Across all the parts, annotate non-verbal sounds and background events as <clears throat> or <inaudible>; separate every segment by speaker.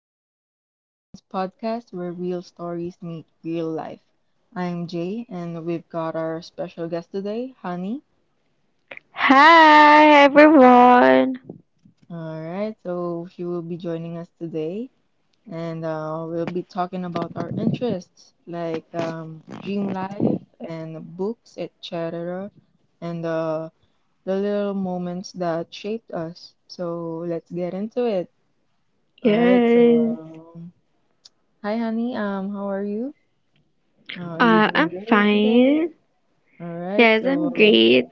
Speaker 1: You're listening to Kane's podcast where real stories meet real life. I'm Jay, and we've got our special guest today, Honey.
Speaker 2: Hi everyone.
Speaker 1: All right, so she will be joining us today, and we'll be talking about our interests like dream life and books, etc., and the little moments that shaped us. So let's get into it. All right,
Speaker 2: Yes.
Speaker 1: so hi, Honey. How are you? Are you doing
Speaker 2: I'm
Speaker 1: great today?
Speaker 2: fine.
Speaker 1: All right.
Speaker 2: Yes, I'm
Speaker 1: So,
Speaker 2: great.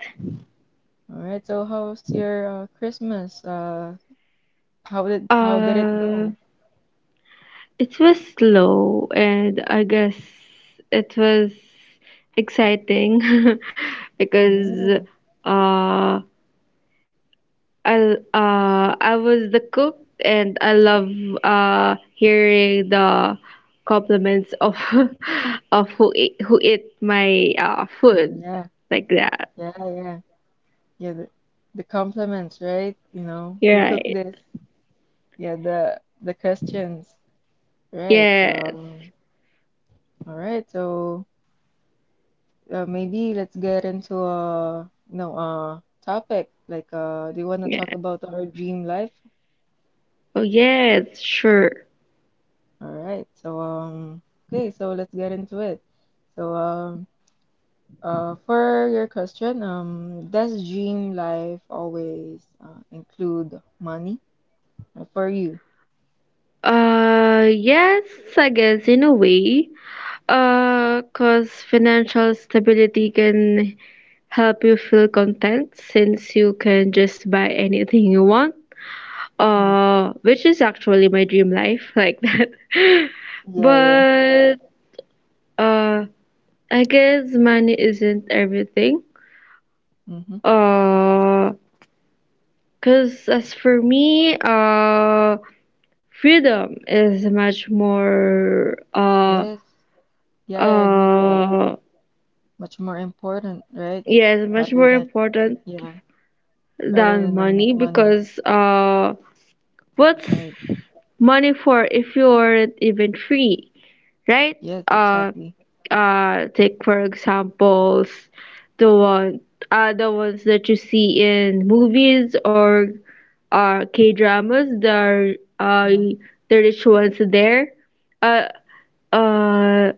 Speaker 1: all right. So, how was your Christmas? How did it
Speaker 2: Uh,
Speaker 1: go?
Speaker 2: it was slow, and I guess it was exciting <laughs> because
Speaker 1: Oh,
Speaker 2: uh I I was the cook, and I love hearing the compliments of <laughs> of who ate my food,
Speaker 1: yeah,
Speaker 2: like that.
Speaker 1: yeah, yeah, yeah. The compliments, right? You know,
Speaker 2: You're
Speaker 1: who cooked
Speaker 2: right.
Speaker 1: this? Yeah, the questions, right? So,
Speaker 2: Yes.
Speaker 1: all right. So, maybe let's get into a no topic. Like, do you want to
Speaker 2: Yeah.
Speaker 1: talk about our dream life?
Speaker 2: Oh, yes, sure.
Speaker 1: All right. So okay, so let's get into it. So for your question, does dream life always include money? For you?
Speaker 2: Yes, I guess in a way. 'Cause financial stability can help you feel content, since you can just buy anything you want.
Speaker 1: Yeah.
Speaker 2: Which is actually my dream life, <laughs> like that.
Speaker 1: Yeah, yeah.
Speaker 2: But uh, I guess money isn't everything.
Speaker 1: Mm-hmm.
Speaker 2: Uh, 'cause as for me, freedom is much more,
Speaker 1: Yes. Yeah, I agree to that.
Speaker 2: uh
Speaker 1: Much more important, right?
Speaker 2: yes, much
Speaker 1: Rather
Speaker 2: more
Speaker 1: than
Speaker 2: important
Speaker 1: yeah, rather
Speaker 2: than
Speaker 1: than the
Speaker 2: money,
Speaker 1: money,
Speaker 2: because what's
Speaker 1: right?
Speaker 2: money for if you aren't even free, right?
Speaker 1: Yes,
Speaker 2: uh
Speaker 1: exactly.
Speaker 2: Take for examples, the one the ones that you see in movies or K dramas. There are
Speaker 1: Yeah.
Speaker 2: the rich ones there. uh uh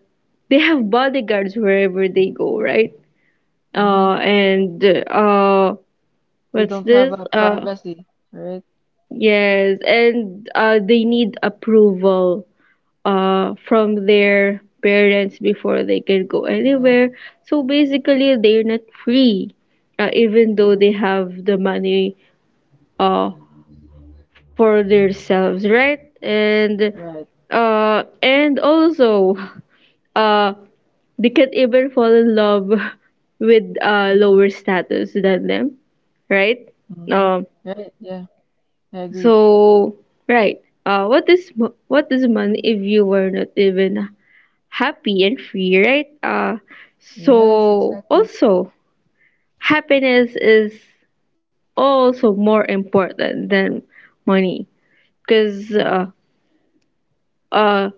Speaker 2: they have bodyguards wherever they go, right?
Speaker 1: Mm-hmm.
Speaker 2: And uh,
Speaker 1: They
Speaker 2: what's
Speaker 1: don't have
Speaker 2: this?
Speaker 1: a
Speaker 2: Uh,
Speaker 1: privacy, right?
Speaker 2: yes, and they need approval from their parents before they can go
Speaker 1: Yeah.
Speaker 2: anywhere. So basically, they're not free, even though
Speaker 1: Yes.
Speaker 2: they have the money uh for themselves, right? And
Speaker 1: Right.
Speaker 2: also <laughs> uh they can't even fall in love <laughs> with,
Speaker 1: Mm-hmm.
Speaker 2: lower status than them, right?
Speaker 1: Mm-hmm.
Speaker 2: Um,
Speaker 1: Right. Yeah, I agree.
Speaker 2: so right. What is money if you were not even happy and free, right? Uh,
Speaker 1: Yes,
Speaker 2: so
Speaker 1: exactly.
Speaker 2: also happiness is also more important than money, because
Speaker 1: Mm-hmm.
Speaker 2: uh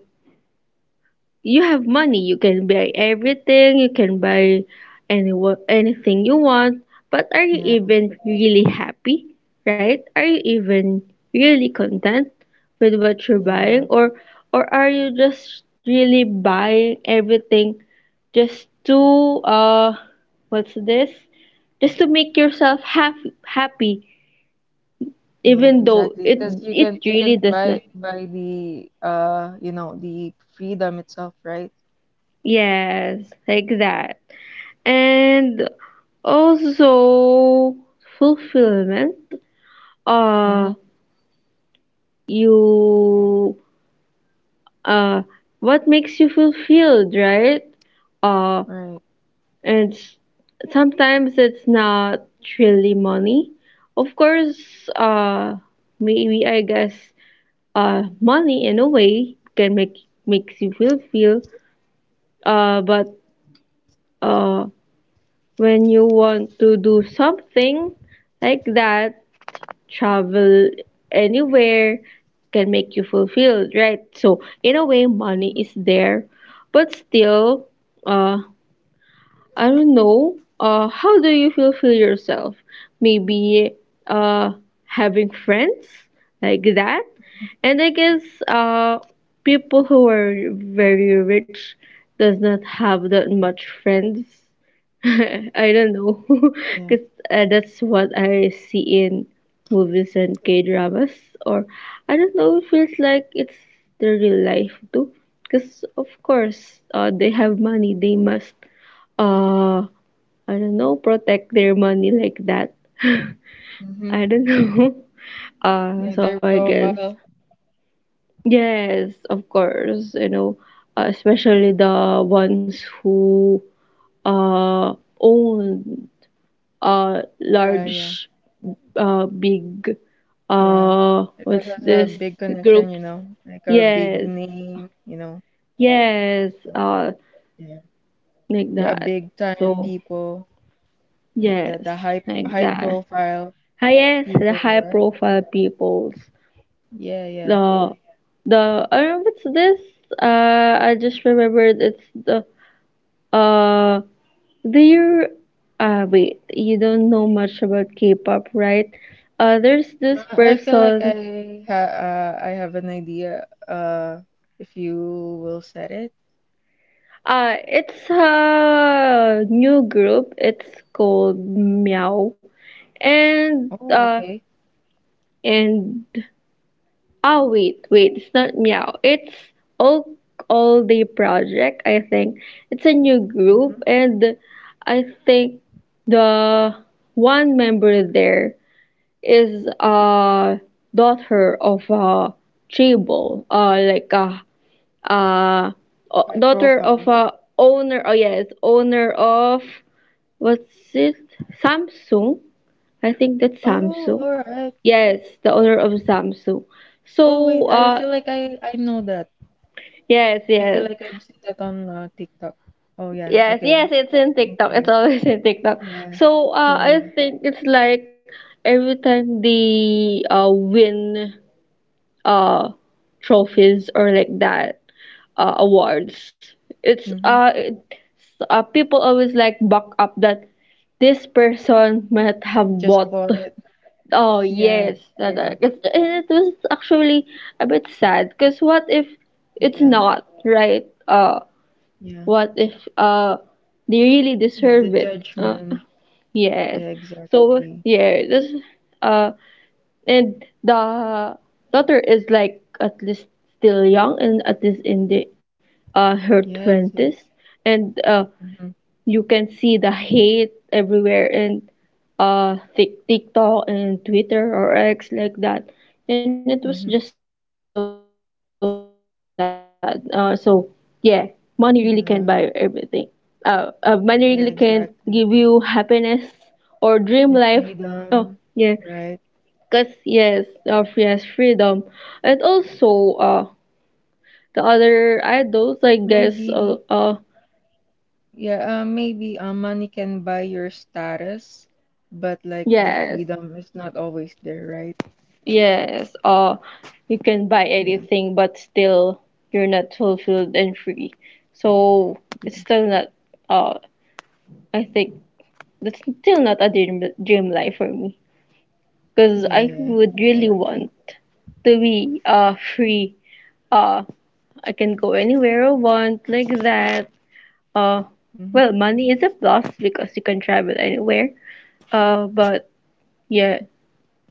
Speaker 2: you have money, you can buy everything, you can buy anything you want. But are you
Speaker 1: Yeah,
Speaker 2: even really happy, right? Are you even really content with what you're buying,
Speaker 1: yeah,
Speaker 2: or are you just really buying everything just to, what's this just to make yourself happy,
Speaker 1: yeah,
Speaker 2: even though
Speaker 1: exactly.
Speaker 2: it
Speaker 1: Because you
Speaker 2: it
Speaker 1: can you
Speaker 2: really
Speaker 1: can
Speaker 2: does not.
Speaker 1: buy the you know the freedom itself, right?
Speaker 2: Yes, like that. And also fulfillment. Uh
Speaker 1: Mm-hmm.
Speaker 2: you uh what makes you fulfilled, right? uh
Speaker 1: Right.
Speaker 2: and s- Sometimes it's not really money. Of course, maybe I guess money in a way can makes you feel. But uh when you want to do something, like that, travel anywhere, can make you fulfilled, right? So in a way money
Speaker 1: Mm-hmm.
Speaker 2: is there, but still, uh I don't know. How do you feel yourself? Maybe, uh, having friends, like that, and I guess, uh, people who are very rich does not have that much friends. <laughs> I don't know, <laughs>
Speaker 1: Yeah.
Speaker 2: because that's what I see in movies and K dramas. Or I don't know. It feels like it's the real life too, because of course, they have money. They must, uh, I don't know, protect their money, like that. <laughs>
Speaker 1: Mm-hmm.
Speaker 2: I don't know. <laughs> Uh,
Speaker 1: Yeah,
Speaker 2: so
Speaker 1: their
Speaker 2: I guess,
Speaker 1: profile.
Speaker 2: yes, of course, especially the ones who uh own
Speaker 1: Yeah, yeah,
Speaker 2: large, big,
Speaker 1: yeah. It does
Speaker 2: what's
Speaker 1: has a
Speaker 2: this
Speaker 1: big connection,
Speaker 2: groups.
Speaker 1: you know, like a big
Speaker 2: Yes.
Speaker 1: name, you know.
Speaker 2: Yes,
Speaker 1: So, yeah.
Speaker 2: like
Speaker 1: Yeah,
Speaker 2: that.
Speaker 1: big time
Speaker 2: So,
Speaker 1: people, like the
Speaker 2: yes,
Speaker 1: the high
Speaker 2: like
Speaker 1: high
Speaker 2: that.
Speaker 1: profile
Speaker 2: Ah, yes, the
Speaker 1: people,
Speaker 2: high
Speaker 1: right?
Speaker 2: profile peoples.
Speaker 1: Yeah, yeah.
Speaker 2: The the I don't know what's this. I just remembered it's the, uh there. Wait, you don't know much about K-pop, right? There's this
Speaker 1: I feel like
Speaker 2: person.
Speaker 1: I ha I have an idea. If you will set it.
Speaker 2: It's a new group. It's called Meow, and
Speaker 1: Oh, okay.
Speaker 2: and oh, wait, wait, it's not Meow. It's Oak All Day Project, I think. It's a new group,
Speaker 1: Mm-hmm.
Speaker 2: and I think the one member there is a daughter of a tribal, like a, uh
Speaker 1: High
Speaker 2: daughter of
Speaker 1: profile.
Speaker 2: a, owner of, what's it? Samsung. I think that's
Speaker 1: Oh,
Speaker 2: Samsung.
Speaker 1: all right.
Speaker 2: Yes, the owner of Samsung.
Speaker 1: Oh,
Speaker 2: So,
Speaker 1: wait. I feel like I know that.
Speaker 2: yes,
Speaker 1: I feel
Speaker 2: yes,
Speaker 1: like I've seen that on TikTok. Oh, yeah.
Speaker 2: yes, yes.
Speaker 1: Okay.
Speaker 2: It's in TikTok.
Speaker 1: Continue.
Speaker 2: It's always <laughs> in TikTok.
Speaker 1: Yeah.
Speaker 2: So,
Speaker 1: Yeah.
Speaker 2: I
Speaker 1: Yeah.
Speaker 2: think it's like every time they win uh trophies, or like that, awards.
Speaker 1: Mm-hmm.
Speaker 2: People always, like, back up that this person might have
Speaker 1: Just
Speaker 2: bought.
Speaker 1: bought it.
Speaker 2: Oh
Speaker 1: <laughs> Yeah.
Speaker 2: yes,
Speaker 1: Yeah.
Speaker 2: it was actually a bit sad, because what if it's
Speaker 1: Yeah.
Speaker 2: not, right?
Speaker 1: Yeah.
Speaker 2: What if they really
Speaker 1: Yeah. The
Speaker 2: deserve it? Uh,
Speaker 1: judgment.
Speaker 2: yes.
Speaker 1: Yeah.
Speaker 2: So
Speaker 1: Exactly.
Speaker 2: yeah, this uh and the daughter is, like, at least still young and at least in the, her
Speaker 1: Yes.
Speaker 2: 20s,
Speaker 1: Yes.
Speaker 2: and
Speaker 1: Mm-hmm.
Speaker 2: you can see the hate everywhere in, TikTok and Twitter or X, like that. And it was just
Speaker 1: Mm-hmm.
Speaker 2: so sad. So yeah, money really can't buy everything.
Speaker 1: Yeah.
Speaker 2: Money really can't give you
Speaker 1: Yeah.
Speaker 2: happiness
Speaker 1: Exactly.
Speaker 2: or dream life. Oh
Speaker 1: Yeah,
Speaker 2: yeah,
Speaker 1: freedom,
Speaker 2: cause,
Speaker 1: right?
Speaker 2: yes, of, yes, freedom, and also, the other idols, I guess.
Speaker 1: Maybe, yeah, maybe money can buy your status, but like the
Speaker 2: Yes.
Speaker 1: freedom is not always there, right?
Speaker 2: Yes, or you can buy
Speaker 1: Yeah,
Speaker 2: anything, but still you're not fulfilled and free. So it's
Speaker 1: yeah,
Speaker 2: still not, uh, I think that's still not a dream life for me, because
Speaker 1: yeah,
Speaker 2: I
Speaker 1: yeah,
Speaker 2: would really
Speaker 1: exactly.
Speaker 2: want to be free. Uh, I can go anywhere I want, like that. Uh,
Speaker 1: Mm-hmm.
Speaker 2: well, money is a plus because you can travel anywhere. But yeah,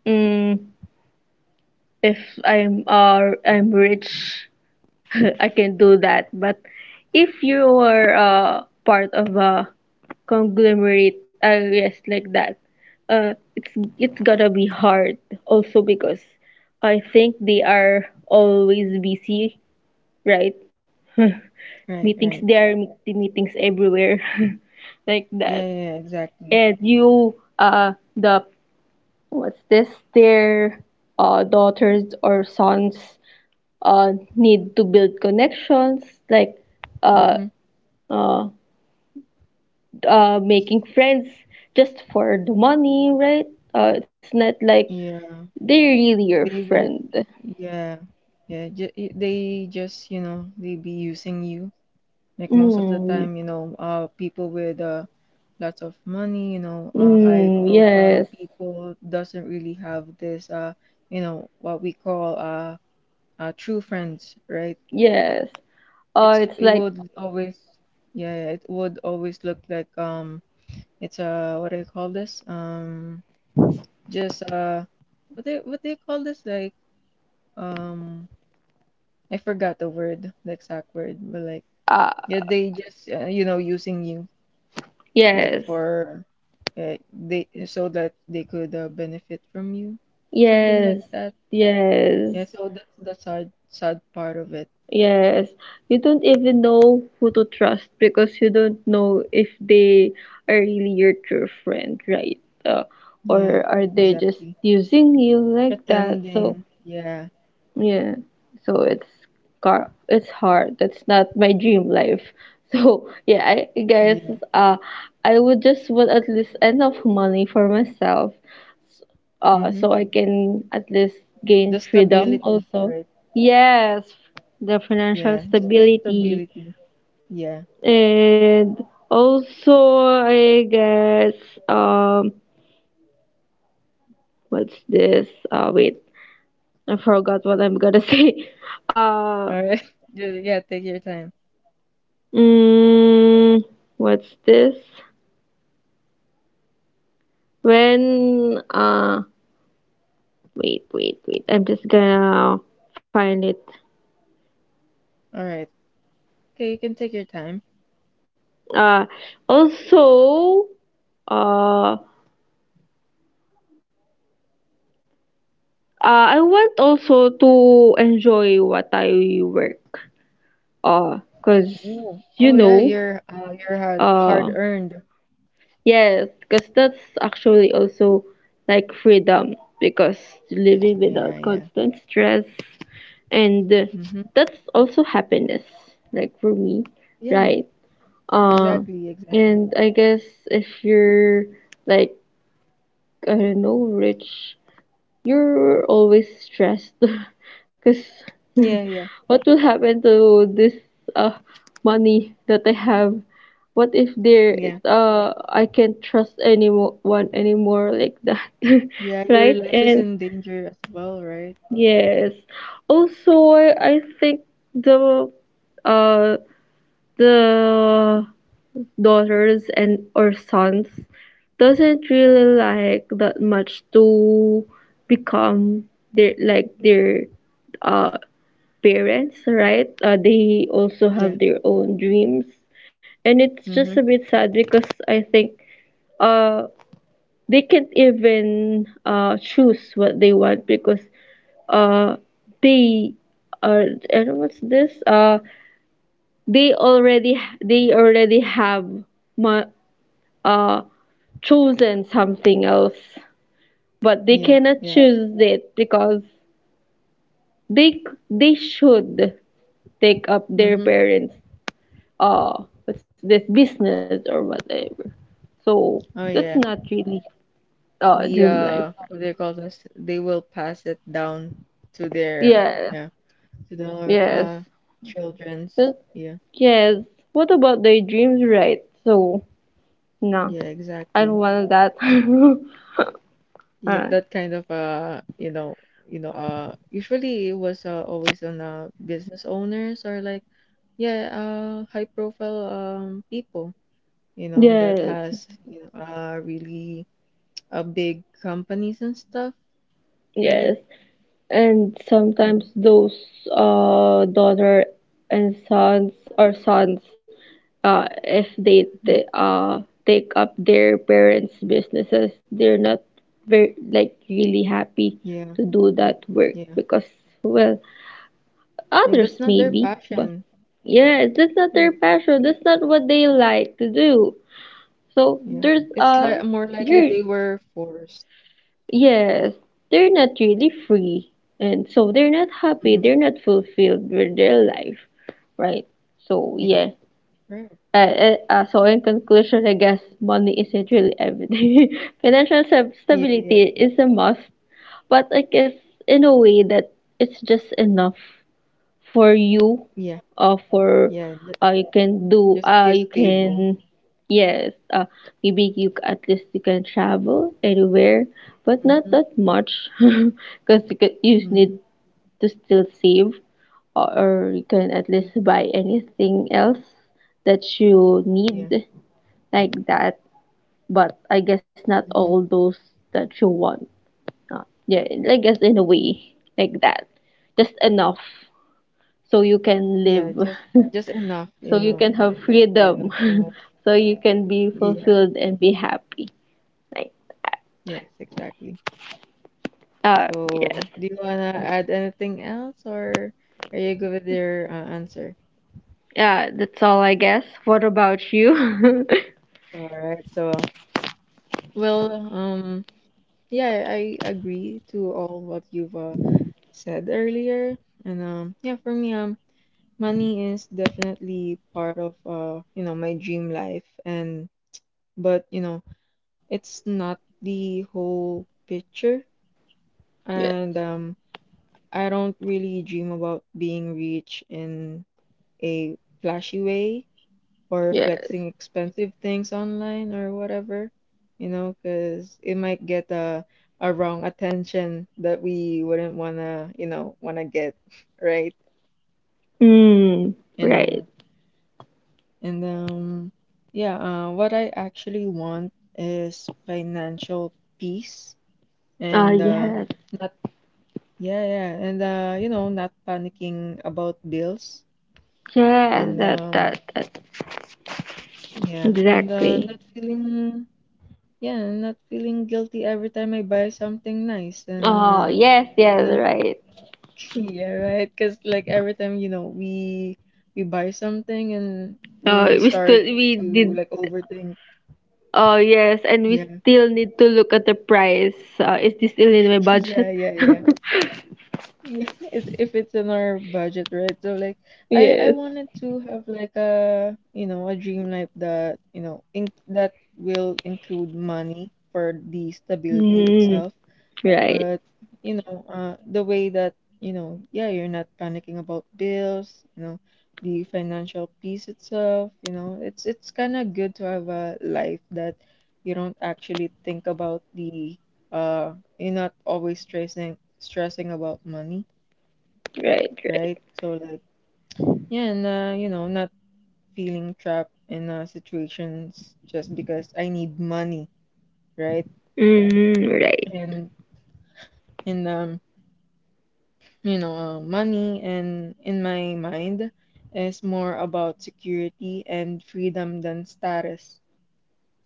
Speaker 2: mm, if I'm rich. <laughs> I can do that. But if you are, part of a conglomerate, yes, like that, uh, it's it's gonna be hard. Also because I think they are always busy, right? <laughs>
Speaker 1: Right,
Speaker 2: meetings
Speaker 1: right.
Speaker 2: there, meetings everywhere, <laughs> like
Speaker 1: Yeah,
Speaker 2: that.
Speaker 1: yeah, yeah, exactly.
Speaker 2: And you, the what's this? Their daughters or sons need to build connections, like, uh,
Speaker 1: Mm-hmm.
Speaker 2: uh, making friends just for the money, right? It's not like
Speaker 1: Yeah,
Speaker 2: they're really your
Speaker 1: they be,
Speaker 2: friend.
Speaker 1: yeah, yeah, they just, you know, they be using you. Like most of the
Speaker 2: Mm,
Speaker 1: time, you know, people with lots of money, you know, high
Speaker 2: mm,
Speaker 1: profile
Speaker 2: yes,
Speaker 1: people doesn't really have this, you know, what we call true friends, right?
Speaker 2: yes. Oh,
Speaker 1: It's
Speaker 2: it's
Speaker 1: it
Speaker 2: like,
Speaker 1: would always, yeah, yeah, it would always look like it's what do you call this? Just what they call this? Like um, I forgot the word, the exact word, but like.
Speaker 2: uh,
Speaker 1: Yeah, they just you know using you. Like
Speaker 2: yes,
Speaker 1: for they so that they could benefit from you, something like
Speaker 2: yes,
Speaker 1: that. Yeah,
Speaker 2: yes.
Speaker 1: so that's the sad part of it.
Speaker 2: Yes, you don't even know who to trust, because you don't know if they are really your true friend, right? Uh,
Speaker 1: Yeah,
Speaker 2: or are they just
Speaker 1: exactly.
Speaker 2: using you, like that? So,
Speaker 1: Pretending. Yeah,
Speaker 2: yeah. So it's hard. That's not my dream life. <laughs> So, yeah, I guess
Speaker 1: yeah.
Speaker 2: uh I would just want at least enough money for myself,
Speaker 1: Mm-hmm.
Speaker 2: so I can at least
Speaker 1: The
Speaker 2: gain freedom
Speaker 1: stability,
Speaker 2: also.
Speaker 1: right?
Speaker 2: Yes, the financial
Speaker 1: Yeah, just the
Speaker 2: stability.
Speaker 1: stability. Yeah.
Speaker 2: And also, I guess, um, what's this? Wait, I forgot what I'm gonna <laughs> say. Uh,
Speaker 1: All right. <laughs> Yeah, take your time.
Speaker 2: mm, what's this? When, wait, wait, wait, I'm just gonna find it.
Speaker 1: All right. Okay, you can take your time.
Speaker 2: Uh, also, uh, I want also to enjoy what I work. Cause,
Speaker 1: Oh,
Speaker 2: you
Speaker 1: oh yeah,
Speaker 2: know,
Speaker 1: you're hard
Speaker 2: uh,
Speaker 1: earned.
Speaker 2: yes, cause that's actually also like freedom, because living
Speaker 1: Yeah,
Speaker 2: without
Speaker 1: yeah.
Speaker 2: constant stress, and
Speaker 1: Mm-hmm.
Speaker 2: that's also happiness, like for me,
Speaker 1: Yeah,
Speaker 2: right? Uh,
Speaker 1: exactly, exactly.
Speaker 2: and I guess if you're, like, I don't know, rich. You're always stressed, <laughs> because
Speaker 1: Yeah, yeah.
Speaker 2: <laughs> what will happen to this uh money that I have? What if there,
Speaker 1: Yeah.
Speaker 2: I can't trust anyone anymore, like that, <laughs>
Speaker 1: Yeah, your
Speaker 2: right?
Speaker 1: life is
Speaker 2: And
Speaker 1: in danger as well, right?
Speaker 2: yes. Also, I think the uh the daughters and or sons doesn't really, like, that much to become their uh parents, right. They also
Speaker 1: Yeah.
Speaker 2: have their own dreams, and it's just a
Speaker 1: Mm-hmm.
Speaker 2: bit sad, because I think uh they can't even choose what they want, because uh they are, I don't what's this, they already have ma- uh chosen something else, but they
Speaker 1: Yeah.
Speaker 2: cannot
Speaker 1: Yeah.
Speaker 2: choose it because they should take up their
Speaker 1: Mm-hmm.
Speaker 2: parents, what's this business or whatever. So
Speaker 1: Oh
Speaker 2: that's not
Speaker 1: yeah.
Speaker 2: really
Speaker 1: The
Speaker 2: dream life.
Speaker 1: what they call this? They will pass it down to their
Speaker 2: Yes,
Speaker 1: yeah, to their
Speaker 2: yes. Uh,
Speaker 1: children's. Yeah.
Speaker 2: yes What about their dreams, right? So no,
Speaker 1: Yeah,
Speaker 2: I don't
Speaker 1: exactly.
Speaker 2: want that. <laughs> all
Speaker 1: Yeah,
Speaker 2: right.
Speaker 1: that kind of you know, usually it was always on business owners or like yeah, high profile people, you know, that
Speaker 2: Yes,
Speaker 1: has you know really big companies and stuff, right?
Speaker 2: yes. And sometimes
Speaker 1: Yes.
Speaker 2: those, daughter and sons, if they,
Speaker 1: Mhm.
Speaker 2: they uh, take up their parents' businesses, they're not very, like, really happy
Speaker 1: Yeah,
Speaker 2: to do that work,
Speaker 1: yeah.
Speaker 2: because, well,
Speaker 1: Yeah, that's
Speaker 2: others
Speaker 1: not their
Speaker 2: maybe, but
Speaker 1: passion.
Speaker 2: yeah, that's not
Speaker 1: Yeah,
Speaker 2: their passion. That's not what they like to do. So
Speaker 1: yeah.
Speaker 2: there's,
Speaker 1: It's like more likely
Speaker 2: you're
Speaker 1: they were forced.
Speaker 2: yes, they're not really free. And so they're not happy,
Speaker 1: Hmm.
Speaker 2: they're not fulfilled with their life, right? So,
Speaker 1: Yeah,
Speaker 2: yeah.
Speaker 1: right.
Speaker 2: So, in conclusion, I guess money isn't really everything. <laughs> Financial
Speaker 1: Yeah,
Speaker 2: stability
Speaker 1: yeah,
Speaker 2: is a must, but I guess in a way that it's just enough for you,
Speaker 1: yeah,
Speaker 2: for
Speaker 1: yeah. Just be a
Speaker 2: you
Speaker 1: stable.
Speaker 2: can yes maybe at least you can travel anywhere, but not
Speaker 1: Mm-hmm,
Speaker 2: that much, <laughs> because you, you need
Speaker 1: mm-hmm.
Speaker 2: to still save, or you can at
Speaker 1: Yeah,
Speaker 2: least buy anything else that you need,
Speaker 1: yeah,
Speaker 2: like that, but I guess not all
Speaker 1: mm-hmm.
Speaker 2: those that you want, yeah, I guess in a way, like that, just enough so you can
Speaker 1: Yeah,
Speaker 2: live,
Speaker 1: just
Speaker 2: <laughs>
Speaker 1: just enough,
Speaker 2: so
Speaker 1: you
Speaker 2: you
Speaker 1: know.
Speaker 2: can have
Speaker 1: Yeah,
Speaker 2: freedom, <laughs>
Speaker 1: not too much.
Speaker 2: so you can be
Speaker 1: Yeah,
Speaker 2: fulfilled and be happy. Like,
Speaker 1: yes, exactly.
Speaker 2: uh, yes.
Speaker 1: So, do you wanna add anything else, or are you good with your answer?
Speaker 2: Yeah, that's all, I guess. What about you?
Speaker 1: All right, so well, yeah, I agree to all what you've said earlier, and yeah, for me, money is definitely part of you know, my dream life, and but you know, it's not the whole picture,
Speaker 2: <laughs> yes,
Speaker 1: and I don't really dream about being rich in a flashy way, or
Speaker 2: yes.
Speaker 1: flexing expensive things online or whatever, you know, because it might get a wrong attention that we wouldn't wanna, you know, wanna get, <laughs> right?
Speaker 2: Mm,
Speaker 1: And
Speaker 2: right.
Speaker 1: uh, and yeah, what I actually want is financial peace
Speaker 2: Ah,
Speaker 1: and
Speaker 2: yes,
Speaker 1: not, yeah, yeah, and you know, not panicking about bills
Speaker 2: yes,
Speaker 1: and yeah, and
Speaker 2: exactly.
Speaker 1: not feeling. Yeah, and not feeling guilty every time I buy something nice and
Speaker 2: Oh, yes, yes,
Speaker 1: na
Speaker 2: right.
Speaker 1: <laughs> yeah, right? Cause like every time, you know, we buy something and we
Speaker 2: We still,
Speaker 1: start
Speaker 2: we
Speaker 1: to
Speaker 2: did,
Speaker 1: like overthink.
Speaker 2: oh, yes, and we
Speaker 1: Yeah.
Speaker 2: still need to look at the price. Is this still in my
Speaker 1: <laughs> Yeah,
Speaker 2: budget?
Speaker 1: yeah, yeah.
Speaker 2: <laughs>
Speaker 1: Yeah, <laughs> it's if it's in our budget, right? So like I
Speaker 2: Yes.
Speaker 1: wanted to have like a, you know, a dream life that, you know, in that will include money for the stability
Speaker 2: Mm,
Speaker 1: itself.
Speaker 2: right,
Speaker 1: But, you know, the way that, you know, yeah, you're not panicking about bills, you know, the financial piece itself, you know, it's kind of good to have a life that you don't actually think about the you're not always stressing about money,
Speaker 2: right, right.
Speaker 1: right? So like, yeah, and you know, not feeling trapped in situations just because I need money, right?
Speaker 2: Mm, right.
Speaker 1: And and you know, money and in my mind is more about security and freedom than status.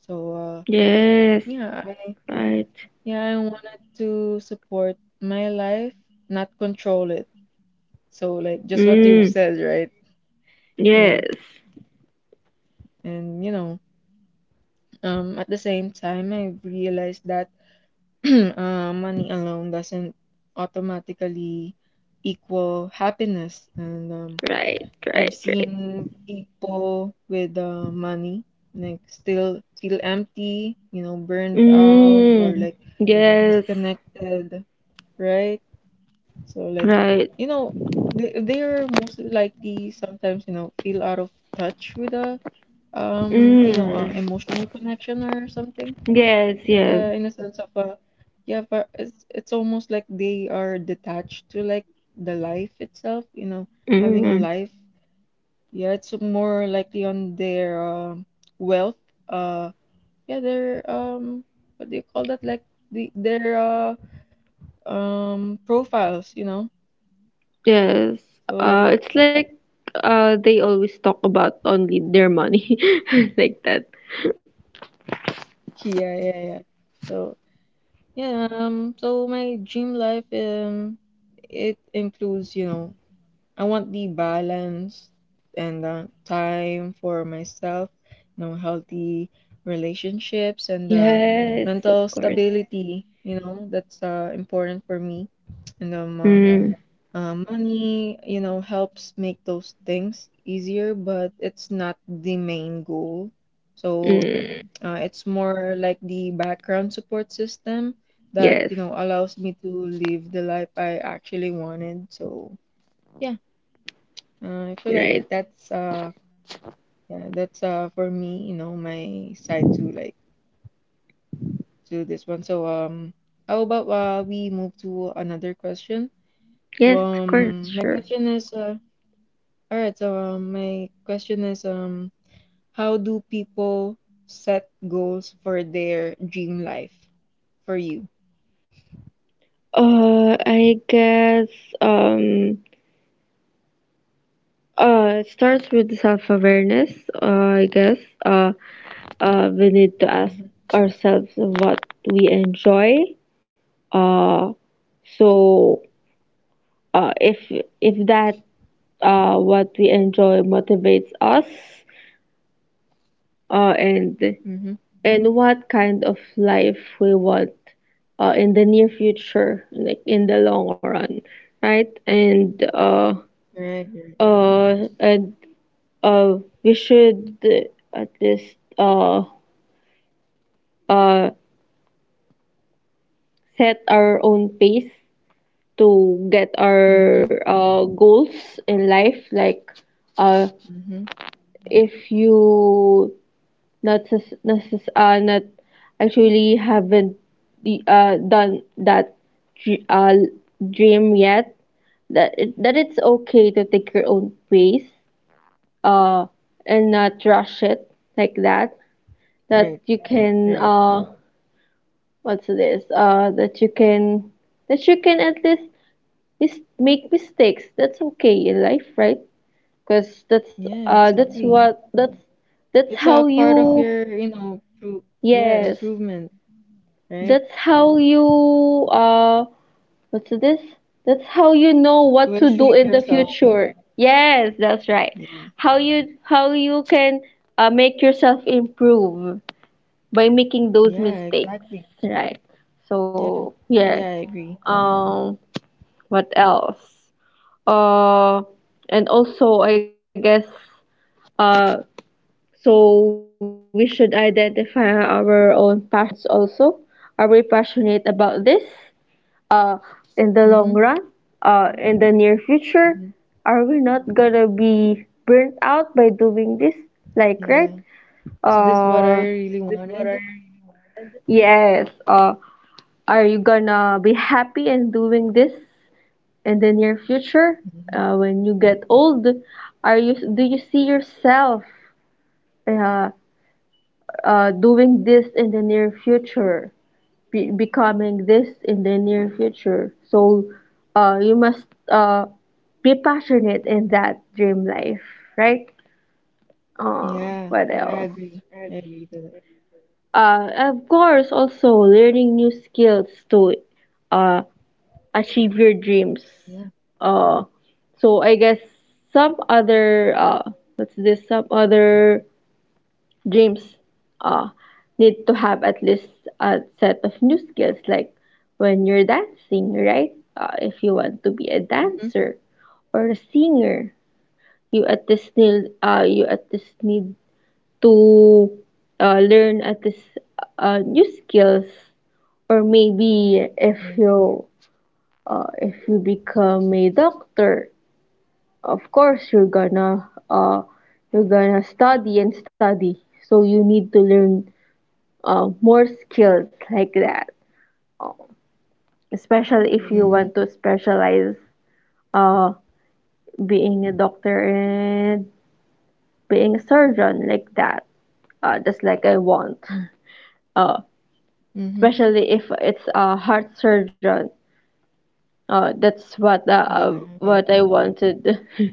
Speaker 1: So,
Speaker 2: Yes,
Speaker 1: yeah, I
Speaker 2: right.
Speaker 1: yeah, I wanted to support my life, not control it. So, like just what you've
Speaker 2: Mm,
Speaker 1: said, right? Yeah.
Speaker 2: yes,
Speaker 1: And you know, at the same time, I realized that <clears throat> money alone doesn't automatically equal happiness. And
Speaker 2: right,
Speaker 1: I've
Speaker 2: right, right.
Speaker 1: seen people with money like still feel empty, you know, burned out or
Speaker 2: Mm,
Speaker 1: like
Speaker 2: yes,
Speaker 1: disconnected, right? So like,
Speaker 2: right.
Speaker 1: you know, they're most likely sometimes, you know, feel out of touch with a you know,
Speaker 2: Mm,
Speaker 1: emotional connection or something.
Speaker 2: yes,
Speaker 1: Like
Speaker 2: yes.
Speaker 1: in a sense of yeah, but it's almost like they are detached to like the life itself, you know, having a
Speaker 2: Mm,
Speaker 1: life yeah, it's more likely on their wealth. Uh, yeah, their what do you call that? Like the their profiles, you know.
Speaker 2: yes.
Speaker 1: So like
Speaker 2: It's like, they always talk about only their money, <laughs> like that.
Speaker 1: yeah, yeah, yeah. So yeah, so my dream life it includes you know I want the balance and time for myself, you know, healthy relationships and
Speaker 2: Yes,
Speaker 1: mental
Speaker 2: of course.
Speaker 1: stability. You know, that's important for me. And
Speaker 2: Mm,
Speaker 1: money, you know, helps make those things easier, but it's not the main goal. So
Speaker 2: mm,
Speaker 1: it's more like the background support system that, you
Speaker 2: yes,
Speaker 1: know, allows me to live the life I actually wanted. So yeah. I feel like
Speaker 2: right.
Speaker 1: that's yeah, that's for me, you know, my side to like to this one. So how about we move to another question? So
Speaker 2: Yes, of course,
Speaker 1: my
Speaker 2: sure.
Speaker 1: question is all right, so my question is how do people set goals for their dream life for you?
Speaker 2: I guess um it starts with self-awareness. I guess uh we need to ask
Speaker 1: Mhm.
Speaker 2: ourselves what we enjoy. Uh, so if that what we enjoy motivates us, uh and
Speaker 1: Mm-hmm.
Speaker 2: and what kind of life we want in the near future, like in the long run, right? And uh
Speaker 1: Right, right.
Speaker 2: uh and uh, we should at least uh, set our own pace to get
Speaker 1: Mm-hmm.
Speaker 2: our goals in life. Like, uh,
Speaker 1: Mm-hmm.
Speaker 2: if you not necess- necess- not actually haven't done that dr- uh, dream yet, that it's okay to take your own pace, uh, and not rush it like that.
Speaker 1: Right,
Speaker 2: That you can,
Speaker 1: right.
Speaker 2: what's this uh that you can that you can at least make mistakes. That's okay in life, right? Because that's,
Speaker 1: Yeah,
Speaker 2: that's
Speaker 1: exactly.
Speaker 2: what, that's
Speaker 1: It's a
Speaker 2: how
Speaker 1: part
Speaker 2: you
Speaker 1: of your, you know, pro yeah,
Speaker 2: yes,
Speaker 1: improvement, right?
Speaker 2: that's how you, what's this that's how you know what
Speaker 1: Will
Speaker 2: to do
Speaker 1: shape
Speaker 2: in the
Speaker 1: yourself.
Speaker 2: future. Yes, that's right,
Speaker 1: Yeah.
Speaker 2: how you, how you can make yourself improve by making those
Speaker 1: Yeah,
Speaker 2: mistakes,
Speaker 1: exactly.
Speaker 2: right?
Speaker 1: Yeah.
Speaker 2: So yeah.
Speaker 1: Yeah, I agree.
Speaker 2: um What else? Uh, and also, I guess, uh, we should identify our own passions also. Are we passionate about this? Uh, in the long
Speaker 1: Mm-hmm.
Speaker 2: run, in the near future,
Speaker 1: Mm-hmm.
Speaker 2: are we not gonna be burnt out by doing this? Like, right?
Speaker 1: Yeah. Is this what I
Speaker 2: Uh,
Speaker 1: really wanted?
Speaker 2: yes. Are you gonna be happy in doing this in the near future,
Speaker 1: Mm-hmm.
Speaker 2: when you get old? Are you, do you see yourself uh, doing this in the near future, becoming this in the near future? So, you must uh, be passionate in that dream life, right? Uh,
Speaker 1: Yeah,
Speaker 2: what Yeah.
Speaker 1: I
Speaker 2: else?
Speaker 1: agree. I agree to that.
Speaker 2: Of course, also learning new skills too. Uh, Achieve your dreams.
Speaker 1: Yeah.
Speaker 2: Uh, so I guess some other, what's this? Some other dreams uh, need to have at least a set of new skills, like when you're dancing, right? If you want to be a
Speaker 1: Mm-hmm.
Speaker 2: dancer or a singer, you at least need, to learn at least new skills. Or maybe if
Speaker 1: Yeah.
Speaker 2: you, if you become a doctor, of course you're gonna, you're gonna study and study, so you need to learn more skills like that, especially if you
Speaker 1: Mm-hmm.
Speaker 2: want to specialize uh, being a doctor and being a surgeon like that, just like I want. uh,
Speaker 1: Mm-hmm.
Speaker 2: Especially if it's a heart surgeon. That's
Speaker 1: Yeah. Yeah.
Speaker 2: what I wanted.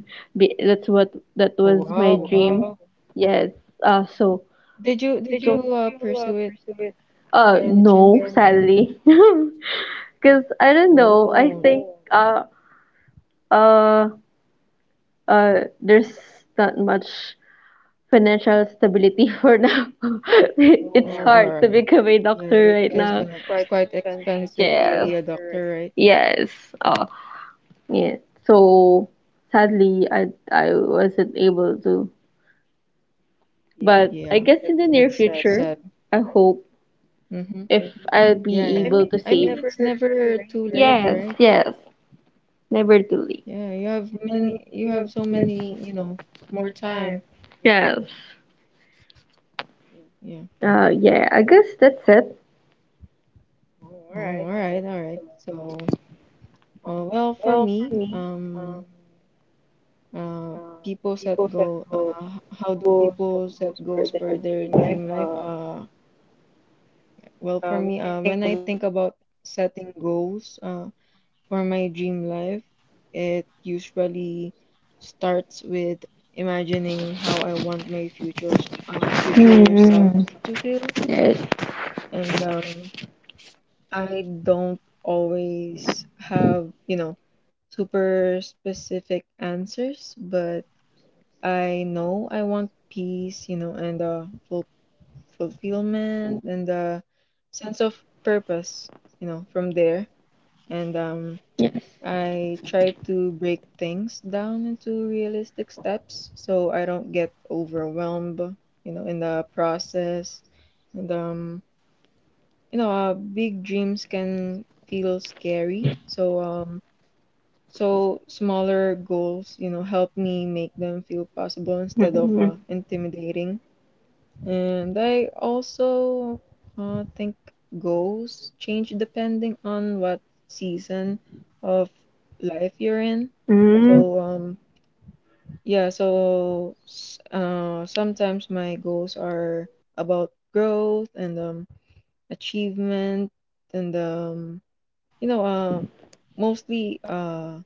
Speaker 2: <laughs> That's what, that
Speaker 1: Oh,
Speaker 2: was my
Speaker 1: wow.
Speaker 2: dream. Yes. So
Speaker 1: Did you pursue it by any
Speaker 2: No,
Speaker 1: chance?
Speaker 2: sadly, <laughs> because I don't know. I
Speaker 1: Oh.
Speaker 2: think uh, uh, there's not much financial stability <laughs> for now. <laughs> It's
Speaker 1: Oh, all
Speaker 2: hard to
Speaker 1: right.
Speaker 2: become a doctor
Speaker 1: Yeah,
Speaker 2: right
Speaker 1: because
Speaker 2: now.
Speaker 1: it's quite expensive to
Speaker 2: Yes,
Speaker 1: be a doctor, right?
Speaker 2: yes. Oh, yeah. So sadly, I wasn't able to. But I
Speaker 1: Yeah.
Speaker 2: guess in the near
Speaker 1: That's
Speaker 2: future,
Speaker 1: sad.
Speaker 2: I hope,
Speaker 1: Mm-hmm.
Speaker 2: if I'll
Speaker 1: Yeah,
Speaker 2: be
Speaker 1: yeah.
Speaker 2: able to
Speaker 1: I mean,
Speaker 2: save.
Speaker 1: it's never too late,
Speaker 2: Yes,
Speaker 1: right?
Speaker 2: yes. Never too late.
Speaker 1: Yeah, you have many, you have so many, you know, more time.
Speaker 2: Yes.
Speaker 1: Yeah.
Speaker 2: Yeah, I guess that's it.
Speaker 1: Oh, all right, all right. So, well, for me, uh, people set goal. How do people set goals for their dream life? Well, for me, when I think about setting goals, for my dream life, it usually starts with imagining how I want my future self
Speaker 2: Mm.
Speaker 1: to feel,
Speaker 2: Yes.
Speaker 1: and I don't always have you know super specific answers, but I know I want peace, you know, and full fulfillment and a sense of purpose, you know, from there.
Speaker 2: Yes.
Speaker 1: And I try to break things down into realistic steps so I don't get overwhelmed, you know, in the process. And you know, big dreams can feel scary. So so smaller goals, you know, help me make them feel possible
Speaker 2: Mm-hmm.
Speaker 1: instead of intimidating. And I also think goals change depending on what season of life you're in.
Speaker 2: Mm-hmm.
Speaker 1: So yeah, so sometimes my goals are about growth and achievement and you know um mostly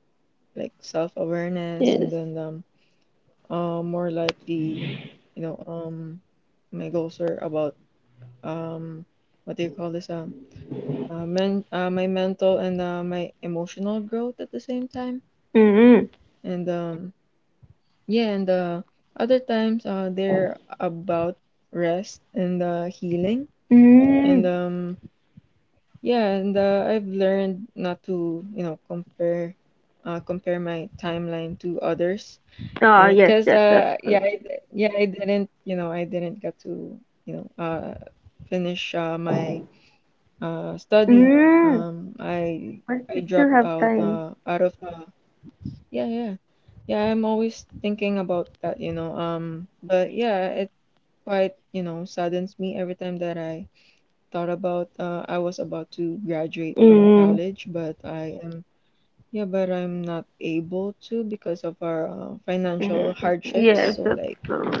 Speaker 1: like self-awareness,
Speaker 2: Yes.
Speaker 1: and then more likely, you know um my goals are about, um what do you call this, men my mental and my emotional growth at the same time.
Speaker 2: Mm-hmm.
Speaker 1: And yeah, and other times they're about rest and healing.
Speaker 2: Mm.
Speaker 1: And yeah, and I've learned not to, compare, compare my timeline to others,
Speaker 2: Oh, yes,
Speaker 1: because
Speaker 2: yes, that's
Speaker 1: yeah,
Speaker 2: good.
Speaker 1: yeah I didn't, I didn't get to, you know uh finish, my study.
Speaker 2: Mm.
Speaker 1: um i
Speaker 2: But
Speaker 1: i
Speaker 2: you still
Speaker 1: dropped
Speaker 2: have
Speaker 1: out,
Speaker 2: time.
Speaker 1: out of yeah, yeah, yeah, I'm always thinking about that, but yeah, it quite, saddens me every time that I thought about, I was about to graduate from
Speaker 2: Mm.
Speaker 1: college, but I am yeah, but I'm not able to because of our financial
Speaker 2: Mm. Yes,
Speaker 1: hardships,
Speaker 2: that's
Speaker 1: so
Speaker 2: the
Speaker 1: like,
Speaker 2: rule.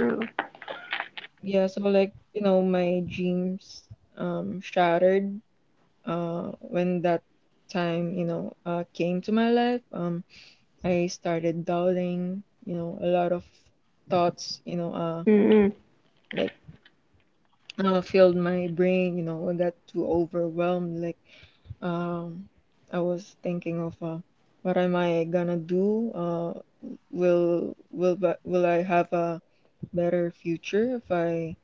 Speaker 1: yeah, so like, my dreams shattered, when that time, came to my life. I started doubting, a lot of thoughts,
Speaker 2: Mm.
Speaker 1: like filled my brain, I got too overwhelmed. Like, um, I was thinking of, what am I gonna do? Will I have a better future if I,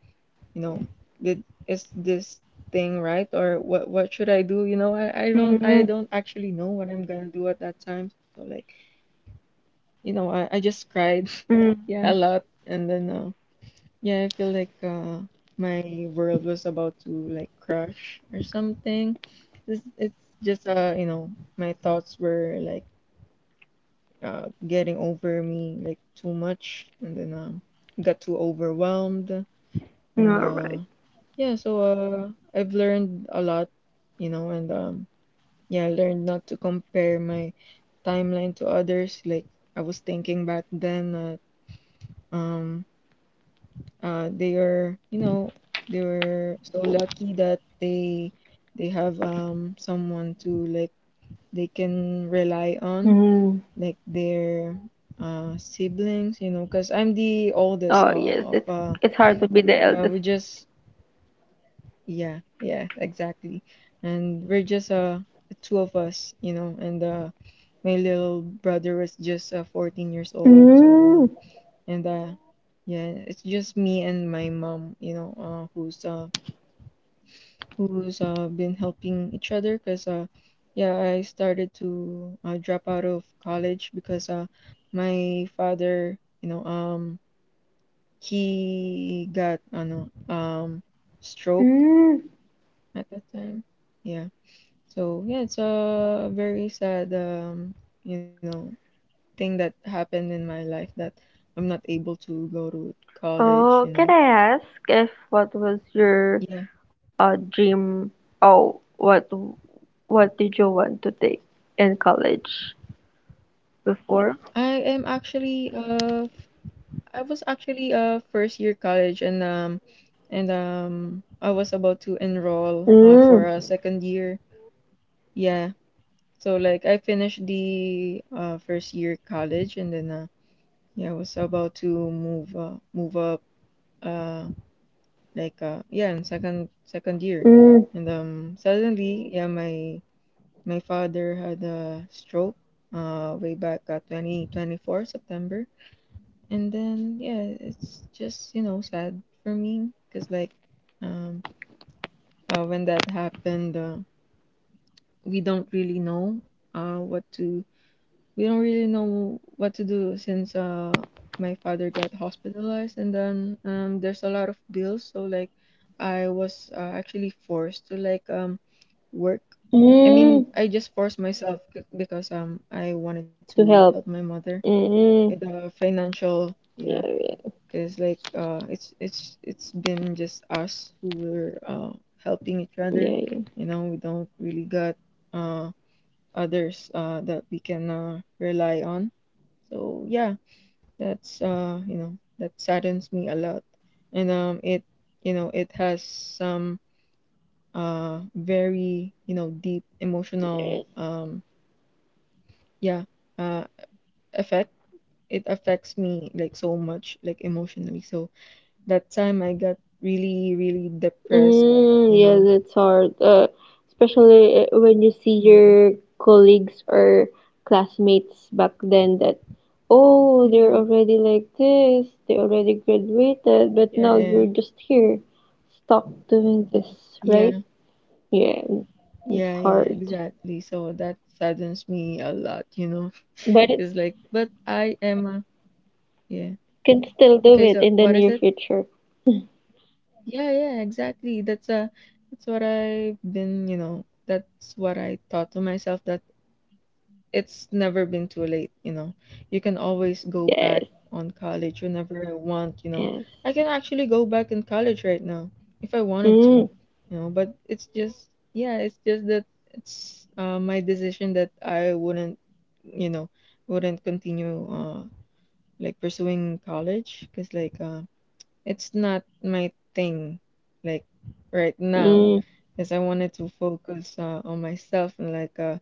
Speaker 1: you know did, is this thing right? Or what should I do? I, I don't
Speaker 2: Mm.
Speaker 1: I don't actually know what I'm gonna do at that time, so like, I just cried
Speaker 2: Mm.
Speaker 1: <laughs> yeah, a lot. And then yeah, I feel like my world was about to like crash or something. This it's just my thoughts were like getting over me, like, too much. And then got too overwhelmed.
Speaker 2: All
Speaker 1: and
Speaker 2: right.
Speaker 1: uh yeah, so I've learned a lot, you know, and yeah, I learned not to compare my timeline to others. Like, I was thinking back then that, um, they are, they were so lucky that they have someone to, like, they can rely on,
Speaker 2: Mm.
Speaker 1: like their siblings, because I'm the oldest
Speaker 2: Oh, yes,
Speaker 1: of
Speaker 2: it's hard to be the
Speaker 1: yeah,
Speaker 2: eldest.
Speaker 1: we just, yeah, yeah, exactly. And we're just two of us, and my little brother was just 14 years old, so
Speaker 2: Mm.
Speaker 1: um and yeah, it's just me and my mom, who's been helping each other, 'cause yeah, I started to, drop out of college, because my father, he got, I know, stroke
Speaker 2: Hmm.
Speaker 1: at that time. Yeah. So yeah, it's a very sad, you know, thing that happened in my life, that I'm not able to go to college, you
Speaker 2: Oh,
Speaker 1: know.
Speaker 2: can I ask if what was your
Speaker 1: Yeah.
Speaker 2: dream? Oh, what did you want to take in college before?
Speaker 1: I am actually I was actually a first year college, and I was about to enroll for
Speaker 2: Mm,
Speaker 1: a second year. Yeah. So like, I finished the first year college, and then yeah, I was about to move, move up, uh. Like, yeah, in second year.
Speaker 2: mm,
Speaker 1: And suddenly, yeah, my father had a stroke way back, 2024 September. And then yeah, it's just, you know, sad for me, because like, um when that happened, we don't really know what to, we don't really know what to do, since my father got hospitalized, and then there's a lot of bills, so like I was actually forced to, like, work. I
Speaker 2: mm,
Speaker 1: mean, I just forced myself, because I wanted
Speaker 2: to
Speaker 1: to help
Speaker 2: help.
Speaker 1: my mother with
Speaker 2: Mm,
Speaker 1: the financial, yeah,
Speaker 2: yeah,
Speaker 1: because like it's been just us who were helping each other,
Speaker 2: yeah,
Speaker 1: you know, we don't really got, uh others that we can rely on. So yeah, that's that saddens me a lot. And it, it has some very, deep
Speaker 2: yeah.
Speaker 1: emotional, yeah, uh effect. It affects me, like, so much, like, emotionally. So that time, I got really, really depressed,
Speaker 2: Mm,
Speaker 1: you
Speaker 2: yes,
Speaker 1: know.
Speaker 2: it's hard, especially when you see
Speaker 1: Yeah.
Speaker 2: your colleagues or classmates back then, that, oh, they're
Speaker 1: Yeah.
Speaker 2: already like this, they already graduated, but
Speaker 1: Yeah,
Speaker 2: now
Speaker 1: yeah.
Speaker 2: you're just here, stuck doing this,
Speaker 1: Yeah,
Speaker 2: right?
Speaker 1: yeah,
Speaker 2: Yeah, it's
Speaker 1: yeah, yeah,
Speaker 2: hard,
Speaker 1: exactly. So that saddens me a lot, you know.
Speaker 2: but it
Speaker 1: It's like, but I am a, yeah.
Speaker 2: can still do
Speaker 1: Okay,
Speaker 2: it
Speaker 1: so
Speaker 2: in the
Speaker 1: what is
Speaker 2: near
Speaker 1: it?
Speaker 2: future.
Speaker 1: Yeah, yeah, exactly. That's what I've been, that's what I thought to myself, that it's never been too late, you know. You can always go
Speaker 2: Yes,
Speaker 1: back on college whenever I want, you know.
Speaker 2: yes.
Speaker 1: I can actually go back in college right now if I wanted to, you
Speaker 2: Mm,
Speaker 1: know. But it's just, yeah, it's just that, it's my decision that I wouldn't, you know, wouldn't continue, like pursuing college, because like it's not my thing, like, right now.
Speaker 2: mm.
Speaker 1: Because I wanted to focus, on myself, and like,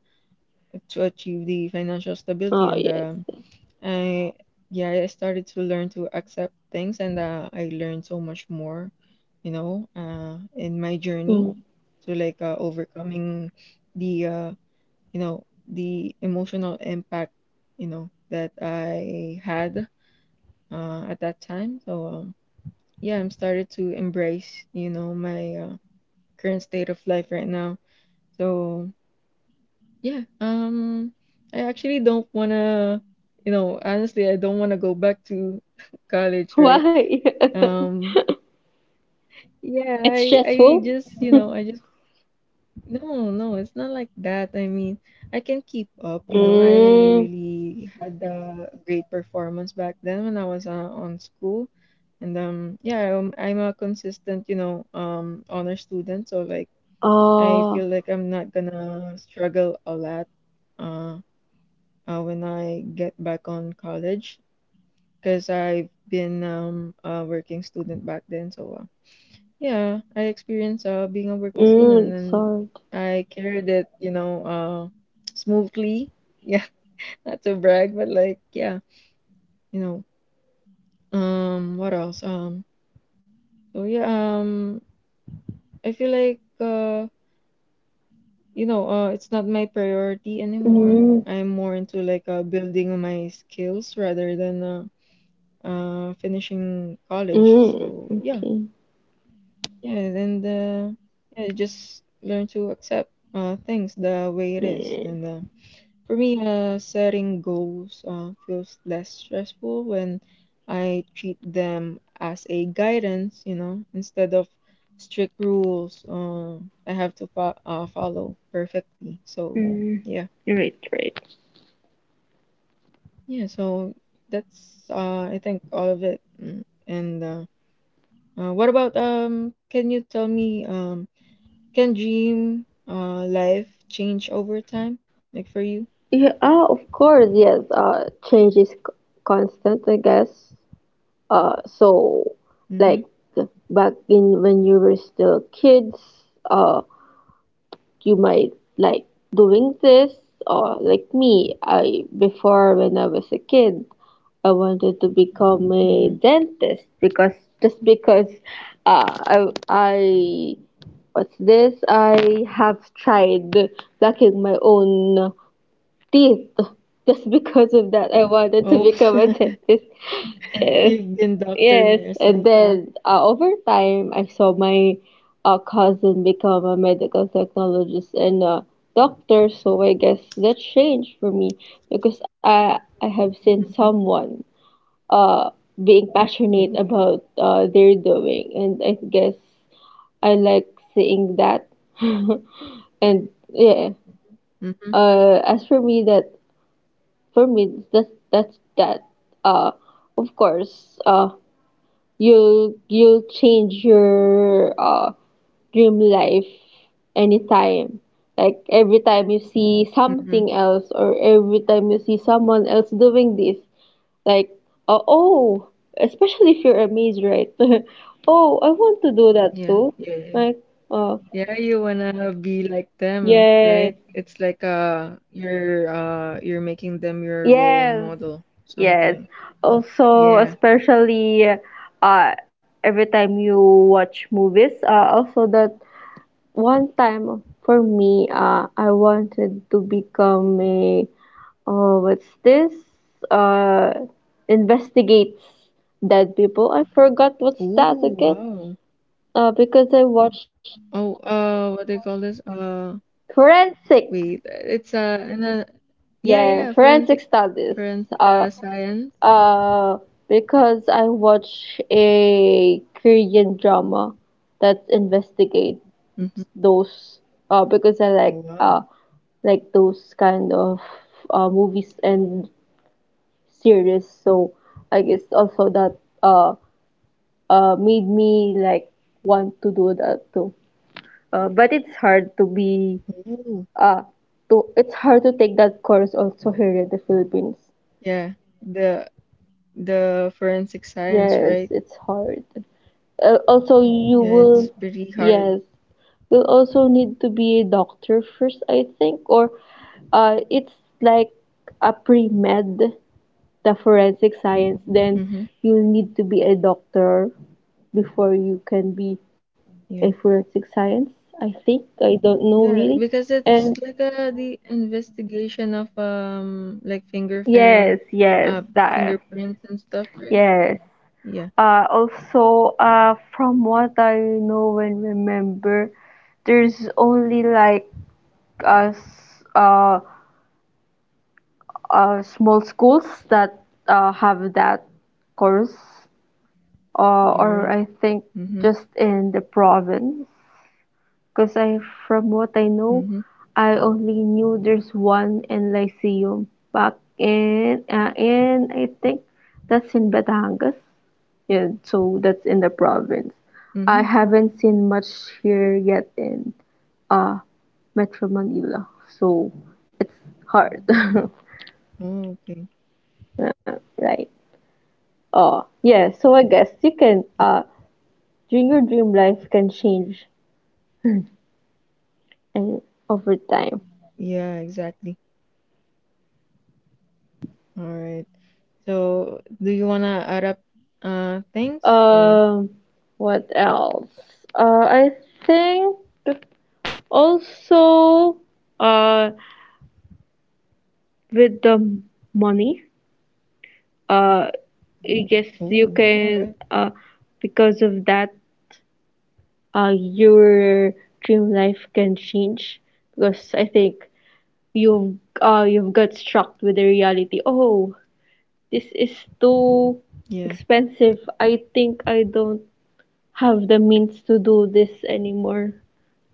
Speaker 1: to achieve the financial stability.
Speaker 2: Oh,
Speaker 1: And
Speaker 2: yes.
Speaker 1: um
Speaker 2: Yes.
Speaker 1: I, yeah, I started to learn to accept things, and I learned so much more, in my journey
Speaker 2: Mm.
Speaker 1: to, like, overcoming the, the emotional impact, that I had at that time. So, yeah, I'm started to embrace, my current state of life right now. So yeah, I actually don't wanna, honestly, I don't wanna go back to <laughs> college,
Speaker 2: <laughs>
Speaker 1: right?
Speaker 2: Why? <laughs>
Speaker 1: Um, yeah,
Speaker 2: It's
Speaker 1: I
Speaker 2: stressful.
Speaker 1: just, I
Speaker 2: <laughs>
Speaker 1: just, no, no, it's not like that. I mean, I can keep up, you know, I
Speaker 2: Mm,
Speaker 1: really had a great performance back then when I was on school. And yeah, I'm a consistent, honor student, so like, I
Speaker 2: oh,
Speaker 1: feel like I'm not gonna struggle a lot, uh, when I get back on college, because I've been a working student back then. So, yeah, I experienced being a working
Speaker 2: mm,
Speaker 1: student,
Speaker 2: it's
Speaker 1: and
Speaker 2: hard.
Speaker 1: I carried it, smoothly. <laughs> Yeah, not to brag, but like, yeah, you know. What else? So yeah, um I feel like you know, it's not my priority anymore.
Speaker 2: Mm,
Speaker 1: I'm more into, like, building my skills, rather than, finishing college.
Speaker 2: mm,
Speaker 1: So yeah,
Speaker 2: okay.
Speaker 1: yeah, and yeah, just learn to accept, things the way it is.
Speaker 2: Mm,
Speaker 1: And for me, setting goals feels less stressful when I treat them as a guidance, instead of strict rules, I have to follow perfectly. So
Speaker 2: mm,
Speaker 1: yeah.
Speaker 2: right, right.
Speaker 1: Yeah, so that's I think all of it. Mm. And, what about, can you tell me, can dream life change over time? Like, for
Speaker 2: Yeah,
Speaker 1: you?
Speaker 2: ah, of course, yes. Change is constant, I guess. Uh, so, like
Speaker 1: Mm-hmm.
Speaker 2: back in when you were still kids, uh, you might like doing this. Or like me, I, before when I was a kid, I wanted to become
Speaker 1: Mm-hmm.
Speaker 2: a dentist, because, just because I what's this? I have tried lacking my own teeth. Just <laughs> because of that, I wanted to
Speaker 1: Oh,
Speaker 2: become a
Speaker 1: <laughs>
Speaker 2: dentist. Yes,
Speaker 1: you've been doctoring
Speaker 2: yes.
Speaker 1: yourself,
Speaker 2: And
Speaker 1: huh?
Speaker 2: then, over time, I saw my cousin become a medical technologist and a doctor. So I guess that changed for me, because I have seen
Speaker 1: Mm-hmm.
Speaker 2: someone uh, being passionate
Speaker 1: Oh.
Speaker 2: about their doing, and I guess I like seeing that. <laughs> And yeah,
Speaker 1: Mm-hmm.
Speaker 2: as for me, that's that. Uh, of course, you'll change your dream life anytime. Like every time you see
Speaker 1: Mm-hmm.
Speaker 2: something else, or every time you see someone else doing this. Like, oh, especially if you're amazed, right? <laughs> Oh, I want to do that
Speaker 1: Yeah.
Speaker 2: too.
Speaker 1: Yeah. Yeah. Yeah,
Speaker 2: Like, uh,
Speaker 1: yeah, you wanna be like them,
Speaker 2: yes,
Speaker 1: right? It's like you're making them your role
Speaker 2: yes,
Speaker 1: model,
Speaker 2: yes.
Speaker 1: something.
Speaker 2: Also,
Speaker 1: Yeah.
Speaker 2: especially uh, every time you watch movies. Also that one time for me, I wanted to become a, oh, what's this? Uh, Investigates dead people. I forgot what's that
Speaker 1: Oh
Speaker 2: again.
Speaker 1: wow.
Speaker 2: Because I watched
Speaker 1: Oh, what they call this?
Speaker 2: Forensic.
Speaker 1: Wait, it's in a, yeah,
Speaker 2: Yeah,
Speaker 1: yeah,
Speaker 2: Forensic
Speaker 1: forensic,
Speaker 2: Studies. Uh,
Speaker 1: science.
Speaker 2: uh, because I watch a Korean drama that investigates
Speaker 1: Mm-hmm.
Speaker 2: those. Because I
Speaker 1: Oh wow.
Speaker 2: like those kind of movies and series. So I guess also that made me like want to do that too. But it's hard to be
Speaker 1: Oh
Speaker 2: Uh, to it's hard to take that course also here in the Philippines.
Speaker 1: yeah. The the forensic science,
Speaker 2: Yes,
Speaker 1: right?
Speaker 2: it's hard. Also, you
Speaker 1: Yeah, it's
Speaker 2: will,
Speaker 1: pretty hard.
Speaker 2: yes, you'll also need to be a doctor first, I think, or it's like a pre-med, the forensic science, then
Speaker 1: Mm-hmm.
Speaker 2: you need to be a doctor before you can be a
Speaker 1: Yeah.
Speaker 2: forensic science, I think. I don't know
Speaker 1: Yeah,
Speaker 2: really.
Speaker 1: because it's
Speaker 2: And
Speaker 1: like the investigation of, like,
Speaker 2: yes,
Speaker 1: fingerprint,
Speaker 2: yes,
Speaker 1: uh
Speaker 2: that,
Speaker 1: fingerprints and stuff, right?
Speaker 2: yes.
Speaker 1: Yeah.
Speaker 2: Also, from what I know and remember, there's only like uh, s- uh, small schools that have that course,
Speaker 1: All
Speaker 2: or
Speaker 1: right.
Speaker 2: I think
Speaker 1: Mm-hmm.
Speaker 2: just in the province. Because I, from what I know,
Speaker 1: Mm-hmm.
Speaker 2: I only knew there's one in Lyceum back in I think that's in Batangas. Yeah, so that's in the province.
Speaker 1: Mm-hmm.
Speaker 2: I haven't seen much here yet in uh Metro Manila. So hard. <laughs>
Speaker 1: Oh, okay.
Speaker 2: Yeah, right. Oh, yeah. So I guess you can,
Speaker 1: Yeah,
Speaker 2: during your dream life can change and over time.
Speaker 1: yeah, exactly. All right. So, do you wanna add up, things, or?
Speaker 2: Um, what else? I think also uh with the money, uh I guess you
Speaker 1: Oh, all
Speaker 2: can,
Speaker 1: right.
Speaker 2: because of that, your dream life can change because I think you've, you've got struck with the reality. Oh, this is too
Speaker 1: Yeah.
Speaker 2: expensive. I think I don't have the means to do this anymore.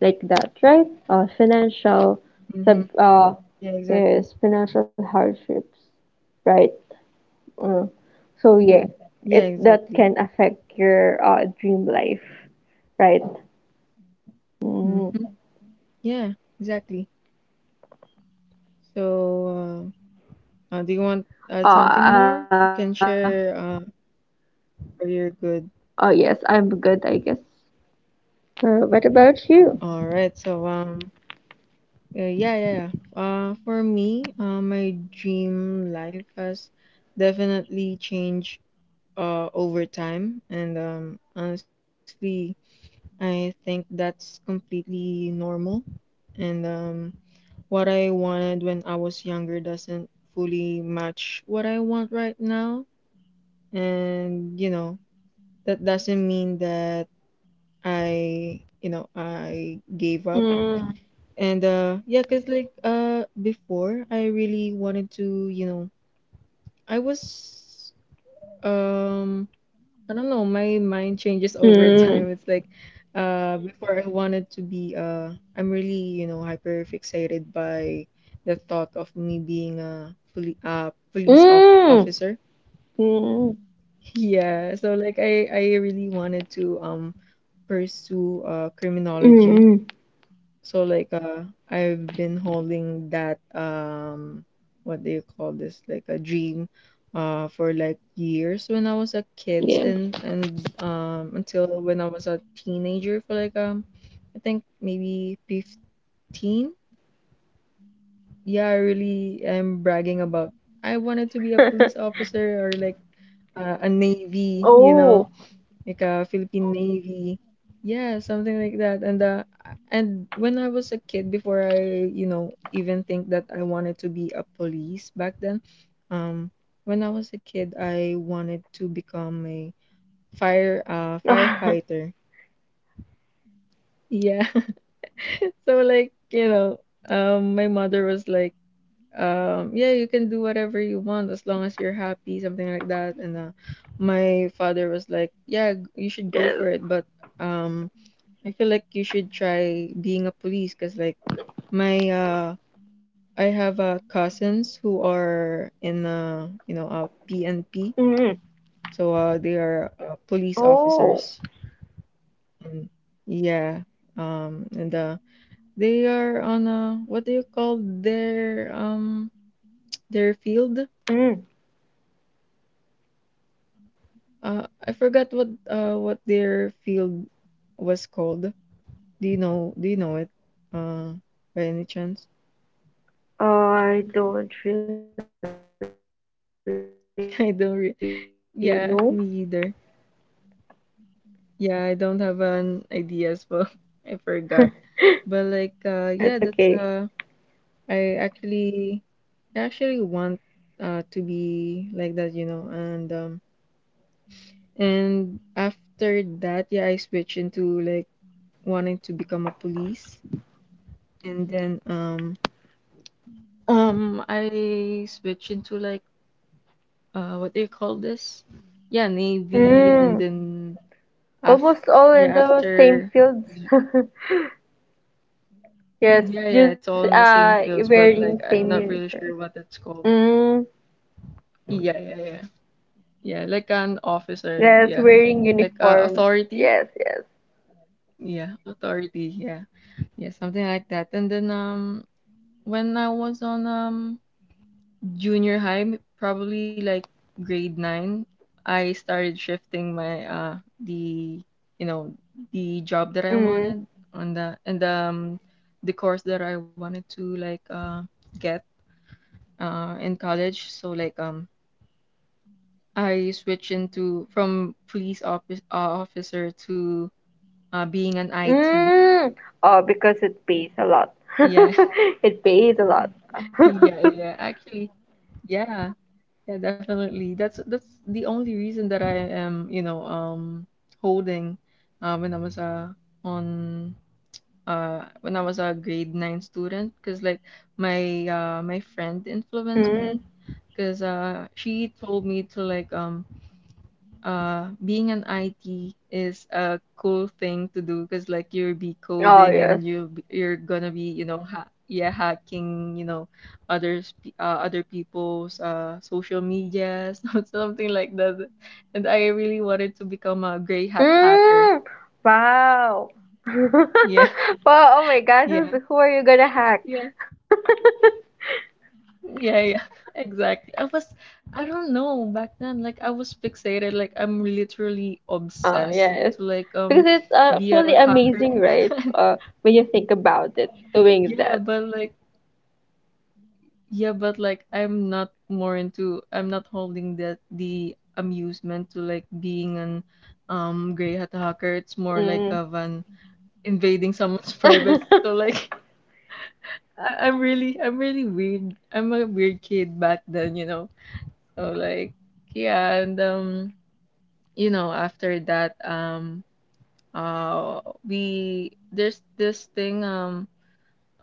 Speaker 2: Like that, right? Financial
Speaker 1: Mm-hmm.
Speaker 2: sub
Speaker 1: Yeah, exactly.
Speaker 2: yes, financial hardships, right? Uh, so yeah, it,
Speaker 1: Yeah,
Speaker 2: that
Speaker 1: exactly.
Speaker 2: can affect your dream life, right?
Speaker 1: Mm-hmm.
Speaker 2: Mm.
Speaker 1: Yeah, exactly. So, do you want add something more?
Speaker 2: Uh,
Speaker 1: You can share, or you're
Speaker 2: oh
Speaker 1: good.
Speaker 2: yes, I'm good, I guess. What about you?
Speaker 1: All right. So, yeah, yeah, yeah. For me, my dream life has definitely changed over time. And honestly, I think that's completely normal. And what I wanted when I was younger doesn't fully match what I want right now. And, you know, that doesn't mean that I, you know, I gave up.
Speaker 2: Mm.
Speaker 1: And, yeah, because like, before, I really wanted to, you know, I was. Um, I don't know, my mind changes over
Speaker 2: Mm.
Speaker 1: time. It's like before, I wanted to be I'm really, you know, hyper fixated by the thought of me being a police op
Speaker 2: Mm.
Speaker 1: officer.
Speaker 2: Mm.
Speaker 1: <laughs> Yeah, so like, I really wanted to pursue criminology.
Speaker 2: Mm.
Speaker 1: So like, I've been holding that, what do you call this, like, a dream for like years when I was a kid,
Speaker 2: Yes.
Speaker 1: and until when I was a teenager, for like, I think maybe 15. Yeah, I really am bragging about I wanted to be a police
Speaker 2: <laughs>
Speaker 1: officer, or like, a navy, you know, like a Philippine Navy. Yeah, something like that. And when I was a kid, before I, you know, even think that I wanted to be a police back then, um, when I was a kid, I wanted to become a firefighter. Yeah. <laughs> So like, you know, my mother was like, yeah, you can do whatever you want as long as you're happy, something like that. And my father was like, yeah, you should go
Speaker 2: Yes.
Speaker 1: for it, but um. I feel like you should try being a police because like my I have cousins who are in you know PNP,
Speaker 2: Mm.
Speaker 1: so they are police
Speaker 2: Oh.
Speaker 1: officers and yeah. And they are on what do you call their field?
Speaker 2: Mm.
Speaker 1: I forgot what their field was called. Do you know, do you know it, uh by any chance?
Speaker 2: I don't really know.
Speaker 1: <laughs> I don't re yeah, me either. Yeah, I don't have an idea as well.
Speaker 2: <laughs>
Speaker 1: <laughs> I forgot. But
Speaker 2: That's
Speaker 1: like
Speaker 2: okay.
Speaker 1: yeah, that's I actually I actually want to be like that, you know, and after that, yeah, I switched into like wanting to become a police, and then I switched into like what do you call this? Yeah, Navy, and
Speaker 2: Mm.
Speaker 1: then af
Speaker 2: Almost all
Speaker 1: yeah,
Speaker 2: in the same
Speaker 1: after.
Speaker 2: fields. <laughs> Yes,
Speaker 1: Yeah, yeah,
Speaker 2: just
Speaker 1: it's all in the same fields,
Speaker 2: wearing
Speaker 1: but like
Speaker 2: same
Speaker 1: I'm not
Speaker 2: uniform.
Speaker 1: really sure what it's called.
Speaker 2: Mm.
Speaker 1: Yeah, yeah, yeah. Yeah, like an officer,
Speaker 2: Yes,
Speaker 1: yeah.
Speaker 2: wearing
Speaker 1: Like
Speaker 2: uniforms.
Speaker 1: authority.
Speaker 2: Yes, yes.
Speaker 1: Yeah, authority, yeah. Yeah, something like that. And then when I was on junior high, probably like grade nine, I started shifting my the you know, the job that I
Speaker 2: Mm.
Speaker 1: wanted and the course that I wanted to get in college. So like I switched into from officer to being an IT.
Speaker 2: Mm. Oh, because it pays a lot. <laughs>
Speaker 1: Yeah,
Speaker 2: It pays a lot. <laughs>
Speaker 1: <laughs> yeah, yeah. Actually, yeah, yeah, definitely. That's the only reason that I am, you know, holding uh, when I was uh, on when I was a grade nine student, because like my friend influenced
Speaker 2: Mm.
Speaker 1: me, because she told me to like being an IT is a cool thing to do because like you'll be
Speaker 2: Oh,
Speaker 1: coding
Speaker 2: yes.
Speaker 1: and you're gonna be you know ha yeah, hacking, you know, other people's social medias, <laughs> something like that. And I really wanted to become a gray hat hacker.
Speaker 2: Mm. Wow. <laughs>
Speaker 1: Yeah.
Speaker 2: Wow, oh my
Speaker 1: <laughs>
Speaker 2: gosh,
Speaker 1: Yeah,
Speaker 2: who are you gonna hack?
Speaker 1: yeah,
Speaker 2: <laughs>
Speaker 1: yeah, yeah. <laughs> Exactly. I don't know, back then, like I was fixated. Like I'm literally
Speaker 2: Oh, yes.
Speaker 1: obsessed to like
Speaker 2: Because it's,
Speaker 1: be
Speaker 2: actually
Speaker 1: a
Speaker 2: amazing,
Speaker 1: hacker.
Speaker 2: right?
Speaker 1: <laughs>
Speaker 2: When you think about it, doing
Speaker 1: Yeah,
Speaker 2: that.
Speaker 1: but like, yeah, but like, I'm not holding that the amusement to like being an gray hat hacker. It's more like
Speaker 2: Mm.
Speaker 1: of an invading someone's <laughs> privacy. So
Speaker 2: <laughs>
Speaker 1: like, I'm really weird. I'm a weird kid back then, you know. So like, yeah, and you know, after that, we there's this thing, um.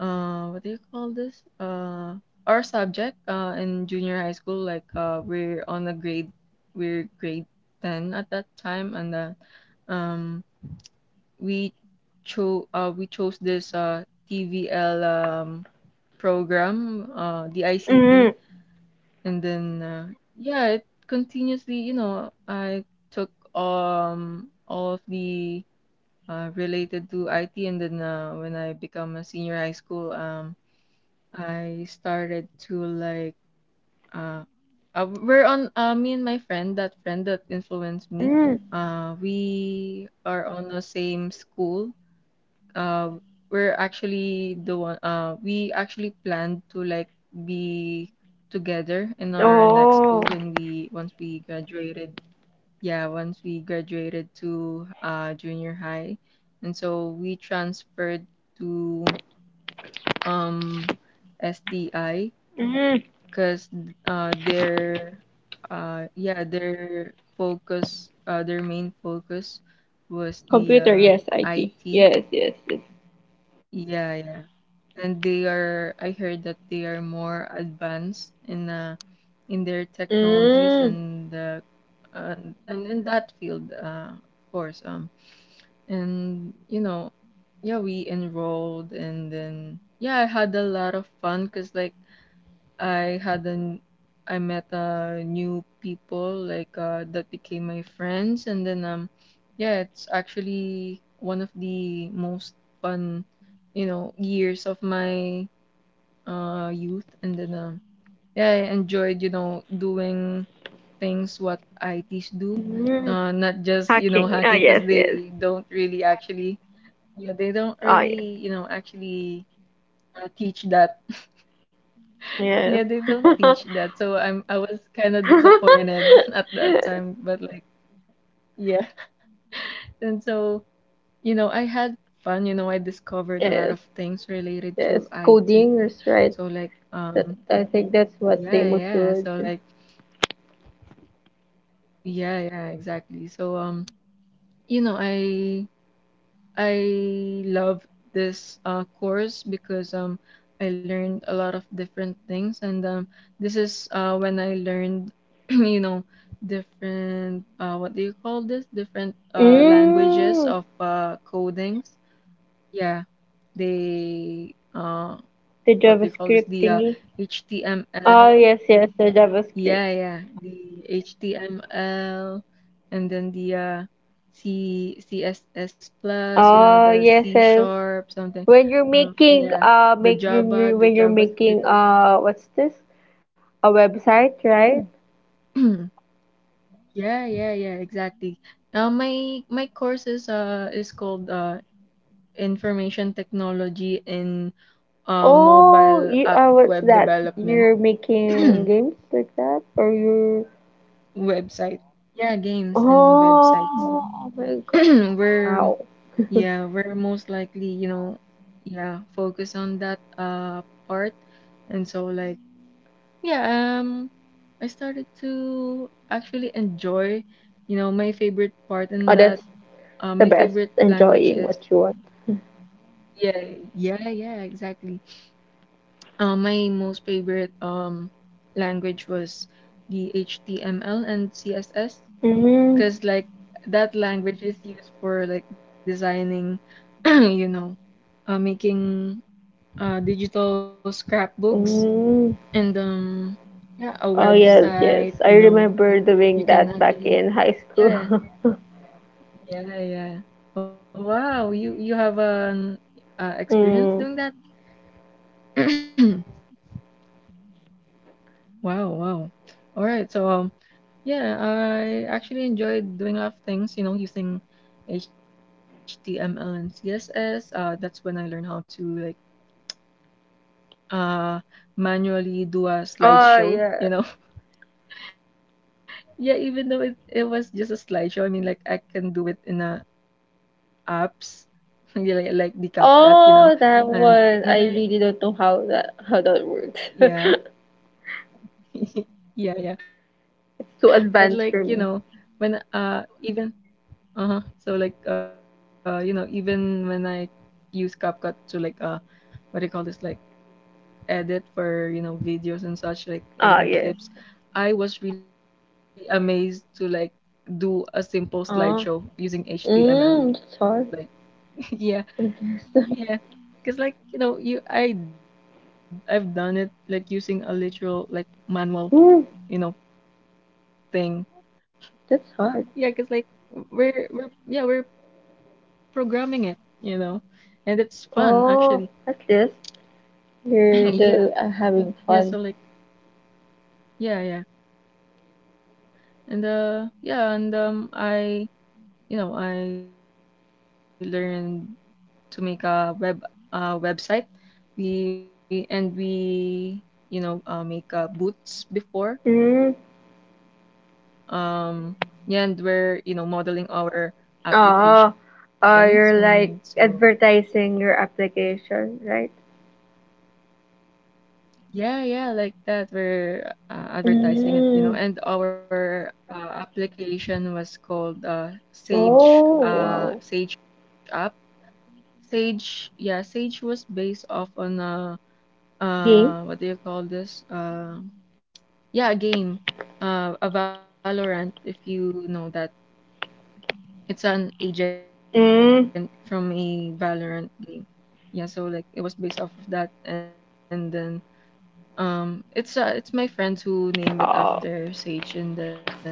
Speaker 1: uh what do you call this? Our subject in junior high school. Like we're grade 10 at that time, and um we we chose this TVL program, the
Speaker 2: Mm.
Speaker 1: ICT, and then yeah, it continuously, you know, I took all of the related to IT. And then when I become a senior high school, I started to like uh, we're on me and my friend, that friend that influenced me,
Speaker 2: Mm.
Speaker 1: we are on the same school. uh we're actually the one we actually planned to like be together in our next
Speaker 2: Oh.
Speaker 1: school when we once we graduated, yeah, once we graduated to junior high. And so we transferred to um STI,
Speaker 2: Mm.
Speaker 1: because their yeah, their main focus was the
Speaker 2: Computer, yes, IT.
Speaker 1: IT.
Speaker 2: Yes, yes, yes.
Speaker 1: Yeah, yeah. And they are, I heard that they are more advanced in their technologies,
Speaker 2: Mm.
Speaker 1: and in that field, of course, and you know, yeah, we enrolled. And then yeah, I had a lot of fun because like I had an I met new people, like that became my friends. And then yeah, it's actually one of the most fun, you know, years of my youth. And then yeah, I enjoyed, you know, doing things what ITs do,
Speaker 2: Mm.
Speaker 1: not just, you know,
Speaker 2: Hacking. Oh,
Speaker 1: hacking, because
Speaker 2: yes, yes.
Speaker 1: they don't really actually, yeah, they don't
Speaker 2: Oh, yeah.
Speaker 1: really, you know, actually teach that.
Speaker 2: Yes.
Speaker 1: Yeah, they don't
Speaker 2: <laughs>
Speaker 1: teach that. So I was kind of disappointed <laughs> at that time, but like yeah. And so, you know, I had fun, you know, I discovered a lot
Speaker 2: Yes,
Speaker 1: of things related
Speaker 2: yes.
Speaker 1: to IT.
Speaker 2: Coding is
Speaker 1: So
Speaker 2: right.
Speaker 1: like
Speaker 2: I think that's what
Speaker 1: yeah,
Speaker 2: demo
Speaker 1: yeah.
Speaker 2: should
Speaker 1: So
Speaker 2: do.
Speaker 1: like yeah, yeah, exactly. So you know, I love this course because I learned a lot of different things. And this is when I learned, <clears throat> you know, different what do you call this? Different languages
Speaker 2: Mm.
Speaker 1: of codings. Yeah, they
Speaker 2: The
Speaker 1: what do you call this?
Speaker 2: JavaScript
Speaker 1: The
Speaker 2: thingy. Oh,
Speaker 1: HTML,
Speaker 2: yes, yes, the JavaScript.
Speaker 1: yeah, yeah. The HTML, and then the C CSS, plus, you know,
Speaker 2: Oh,
Speaker 1: the
Speaker 2: yes,
Speaker 1: C
Speaker 2: yes.
Speaker 1: sharp something.
Speaker 2: When you're making,
Speaker 1: Yeah,
Speaker 2: make you you-
Speaker 1: The
Speaker 2: when you're making
Speaker 1: JavaScript.
Speaker 2: what's this? A website, right?
Speaker 1: <clears throat> Yeah, yeah, yeah, exactly. My course is called Information Technology in
Speaker 2: Oh,
Speaker 1: Mobile
Speaker 2: you,
Speaker 1: App
Speaker 2: what's
Speaker 1: Web
Speaker 2: that?
Speaker 1: Development.
Speaker 2: You're making
Speaker 1: <clears throat>
Speaker 2: games like that, or you're,
Speaker 1: Website. Yeah, games and
Speaker 2: oh,
Speaker 1: websites.
Speaker 2: oh my
Speaker 1: <clears throat>
Speaker 2: god!
Speaker 1: We're,
Speaker 2: Wow,
Speaker 1: yeah, we're most likely, you know, yeah, focus on that part. And so like, yeah, I started to actually enjoy, you know, my favorite part
Speaker 2: oh,
Speaker 1: in
Speaker 2: that's
Speaker 1: that
Speaker 2: the
Speaker 1: my
Speaker 2: best.
Speaker 1: favorite language
Speaker 2: Enjoying
Speaker 1: is
Speaker 2: what you want.
Speaker 1: yeah, yeah, yeah, exactly. My most favorite language was the HTML and CSS,
Speaker 2: Mm,
Speaker 1: because like that language is used for like designing, <clears throat> you know, making digital scrapbooks,
Speaker 2: mm.
Speaker 1: and yeah, a
Speaker 2: Oh yes, yes. I
Speaker 1: website. You know,
Speaker 2: remember
Speaker 1: you
Speaker 2: doing
Speaker 1: can
Speaker 2: that back
Speaker 1: actually
Speaker 2: in high school.
Speaker 1: yeah, yeah, yeah. Oh, wow, you have an
Speaker 2: <laughs>
Speaker 1: experience
Speaker 2: Mm.
Speaker 1: doing that? <clears throat> Wow, wow. All right, so yeah, I actually enjoyed doing a lot of things, you know, using HTML and CSS. That's when I learned how to like uh manually do a
Speaker 2: Oh yeah.
Speaker 1: slideshow, you know. Yeah, even though it was just a slideshow, I mean, like I can do it in apps, <laughs> yeah, like the CapCut,
Speaker 2: Oh,
Speaker 1: you know.
Speaker 2: that one. I
Speaker 1: And
Speaker 2: really don't
Speaker 1: when
Speaker 2: know
Speaker 1: I,
Speaker 2: how that works. <laughs>
Speaker 1: yeah,
Speaker 2: It's
Speaker 1: <laughs> yeah, yeah.
Speaker 2: too
Speaker 1: But
Speaker 2: advanced
Speaker 1: like,
Speaker 2: for
Speaker 1: you
Speaker 2: me.
Speaker 1: know, when even uh-huh. So like you know, even when I use CapCut to like what do you call this, like edit for, you know, videos and such, like
Speaker 2: Ah yes.
Speaker 1: editing clips, I was really amazed to like do a simple
Speaker 2: Ah.
Speaker 1: slideshow using
Speaker 2: Mm,
Speaker 1: html,
Speaker 2: sorry.
Speaker 1: like <laughs> yeah,
Speaker 2: I guess. <laughs>
Speaker 1: yeah, because like you know, you I I've done it like using a literal, like
Speaker 2: Hmm,
Speaker 1: manual, you know, thing.
Speaker 2: that's hard.
Speaker 1: Yeah, because like we're yeah, we're programming it, you know, and it's fun
Speaker 2: Oh, at
Speaker 1: actually.
Speaker 2: least. You're
Speaker 1: <laughs>
Speaker 2: the,
Speaker 1: Yeah,
Speaker 2: having fun.
Speaker 1: yeah, so like yeah, yeah. And yeah, and I you know, I learned to make a website. We, you know, make boots
Speaker 2: Mm.
Speaker 1: before. Um yeah, and we're, you know, modeling our
Speaker 2: Oh, oh, you're
Speaker 1: applications
Speaker 2: like
Speaker 1: and so
Speaker 2: advertising your application, right?
Speaker 1: yeah, yeah, like that. We're advertising it, you
Speaker 2: Mm.
Speaker 1: know. And our application was called
Speaker 2: Oh, wow.
Speaker 1: Sage App. Sage, yeah, Sage was based off on
Speaker 2: Game?
Speaker 1: what do you call this? Yeah, a game, a Valorant, if you know that. It's an
Speaker 2: Mm.
Speaker 1: agent from a Valorant game. Yeah, so like it was based off of that. And then it's my friends who name it
Speaker 2: Oh,
Speaker 1: after Sage. And then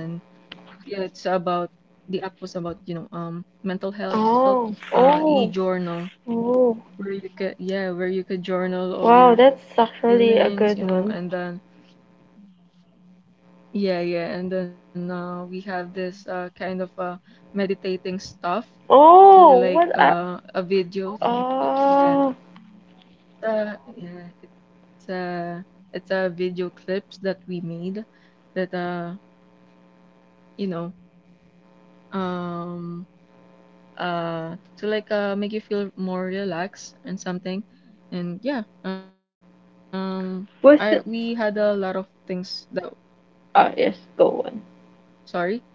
Speaker 1: yeah, it's about the app was about, you know, mental
Speaker 2: oh,
Speaker 1: health,
Speaker 2: oh,
Speaker 1: e-journal,
Speaker 2: oh.
Speaker 1: where you could, yeah, where you could journal
Speaker 2: Wow,
Speaker 1: all your
Speaker 2: that's actually
Speaker 1: feelings, you
Speaker 2: a
Speaker 1: know.
Speaker 2: good
Speaker 1: And
Speaker 2: one.
Speaker 1: then yeah, yeah. And then we have this kind of meditating stuff
Speaker 2: Oh,
Speaker 1: to
Speaker 2: what
Speaker 1: like
Speaker 2: I,
Speaker 1: a video,
Speaker 2: oh,
Speaker 1: yeah, yeah, it's a video clips that we made that you know, um to like make you feel more relaxed and something. And yeah, um
Speaker 2: was it?
Speaker 1: I we had a lot of things that
Speaker 2: Ah, yes, go on.
Speaker 1: sorry.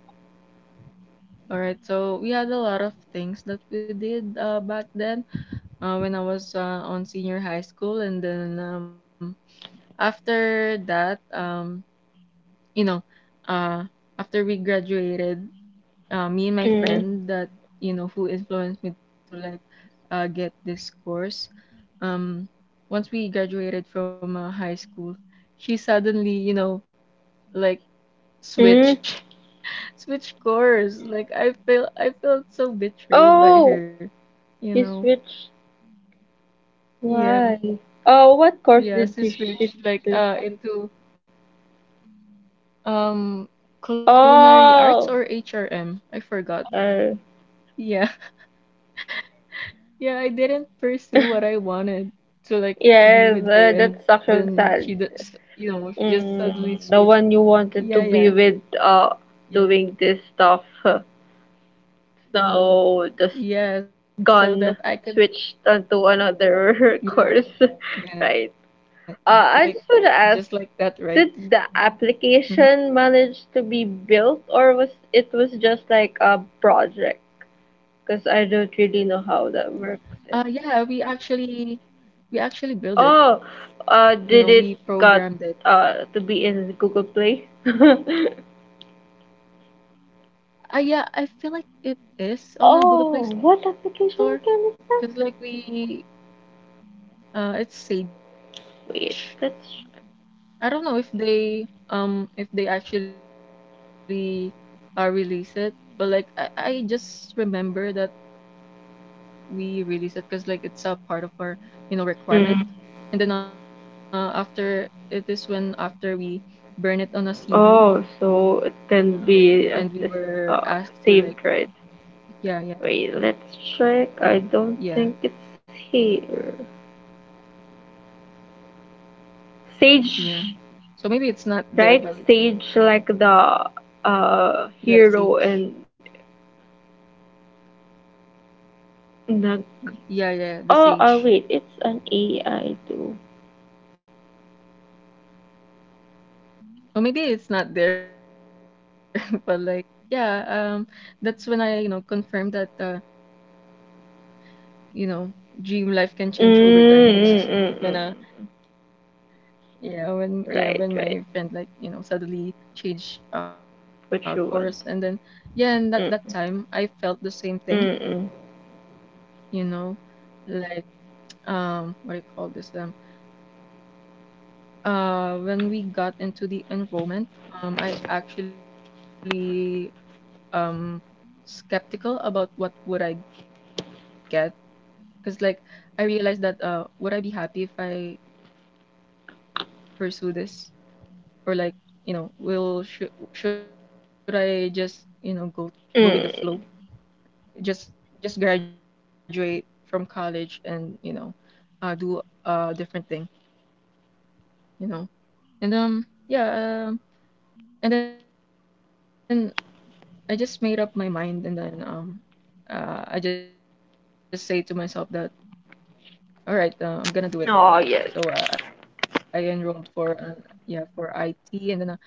Speaker 1: All right, so we had a lot of things that we did back then when I was on senior high school. And then after that, you know, uh after we graduated, me and my
Speaker 2: Mm.
Speaker 1: friend that, you know, who influenced me to like get this course, um once we graduated from high school, she suddenly, you know, like
Speaker 2: Mm.
Speaker 1: switch, <laughs> switch course. Like I feel, I felt so betrayed by
Speaker 2: Oh,
Speaker 1: her, you
Speaker 2: she
Speaker 1: know.
Speaker 2: switched.
Speaker 1: Yeah,
Speaker 2: Why? Oh, what course
Speaker 1: yeah,
Speaker 2: did
Speaker 1: she
Speaker 2: she switch
Speaker 1: switched like
Speaker 2: to?
Speaker 1: into um culinary arts or
Speaker 2: Oh,
Speaker 1: HRM. I forgot.
Speaker 2: uh,
Speaker 1: Yeah. Yeah, I didn't pursue what I wanted to like to be
Speaker 2: yes,
Speaker 1: with her, and
Speaker 2: that's
Speaker 1: then
Speaker 2: actually
Speaker 1: she
Speaker 2: sad.
Speaker 1: just, you know, she just suddenly
Speaker 2: Mm,
Speaker 1: switched.
Speaker 2: the one you
Speaker 1: Yeah,
Speaker 2: wanted to
Speaker 1: yeah,
Speaker 2: be with,
Speaker 1: yeah,
Speaker 2: doing this stuff. <laughs> Huh. Now just
Speaker 1: yeah. So that I
Speaker 2: gone,
Speaker 1: can,
Speaker 2: switched onto another <laughs> course,
Speaker 1: yeah,
Speaker 2: <laughs> right?
Speaker 1: yeah,
Speaker 2: I
Speaker 1: like
Speaker 2: just want to ask,
Speaker 1: just like that, right?
Speaker 2: did the application
Speaker 1: Mm-hmm.
Speaker 2: manage to be built, or was it was just like a project? Because I don't really know how that works. And
Speaker 1: Yeah, we actually
Speaker 2: oh,
Speaker 1: build it. You know,
Speaker 2: did
Speaker 1: we
Speaker 2: it got
Speaker 1: programmed it.
Speaker 2: to be in Google Play? <laughs>
Speaker 1: Yeah, I feel like it is on
Speaker 2: Oh,
Speaker 1: the Google
Speaker 2: what
Speaker 1: Play
Speaker 2: application
Speaker 1: Store
Speaker 2: again is that?
Speaker 1: because like we it's
Speaker 2: Wait,
Speaker 1: Sage.
Speaker 2: let's.
Speaker 1: I don't know if they actually release it, but like I just remember that we release it because like it's a part of our
Speaker 2: Mm.
Speaker 1: requirement. And then after it is when after we burn it on a
Speaker 2: Oh,
Speaker 1: CD
Speaker 2: so it can be
Speaker 1: and
Speaker 2: at
Speaker 1: we
Speaker 2: this
Speaker 1: were
Speaker 2: uh
Speaker 1: asked to
Speaker 2: saved
Speaker 1: like
Speaker 2: right? Wait,
Speaker 1: yeah,
Speaker 2: let's
Speaker 1: yeah,
Speaker 2: check. I don't
Speaker 1: yeah,
Speaker 2: think it's here. Sage,
Speaker 1: yeah. So maybe it's not
Speaker 2: right?
Speaker 1: there, but
Speaker 2: Sage like the
Speaker 1: yeah,
Speaker 2: hero
Speaker 1: Sage.
Speaker 2: and Nag.
Speaker 1: Yeah, yeah, the
Speaker 2: Oh, oh
Speaker 1: Sage.
Speaker 2: wait, it's an AI too.
Speaker 1: Or maybe it's not there, <laughs> but like, yeah, that's when I, you know, confirmed that, you know, dream life can
Speaker 2: Mm,
Speaker 1: change over time.
Speaker 2: mm, mm,
Speaker 1: When,
Speaker 2: mm.
Speaker 1: yeah, when, yeah, when
Speaker 2: Right, right.
Speaker 1: my friend like, you know, suddenly changed
Speaker 2: What you
Speaker 1: course,
Speaker 2: want.
Speaker 1: and then, yeah, and at that
Speaker 2: Mm,
Speaker 1: time I felt the
Speaker 2: mm,
Speaker 1: same
Speaker 2: mm.
Speaker 1: thing, you know, like, what do you call this? When we got into the enrollment, I actually, um. skeptical about what would I get because like I realized that would I be happy if I pursue this or like you know will should I just you know go with the
Speaker 2: Mm.
Speaker 1: flow, just just graduate from college and you know do a different thing, you know. And um yeah um and then I just made up my mind and then I just say to myself that all right, I'm gonna do
Speaker 2: Oh,
Speaker 1: it.
Speaker 2: yes.
Speaker 1: So I enrolled for an yeah, for IT and then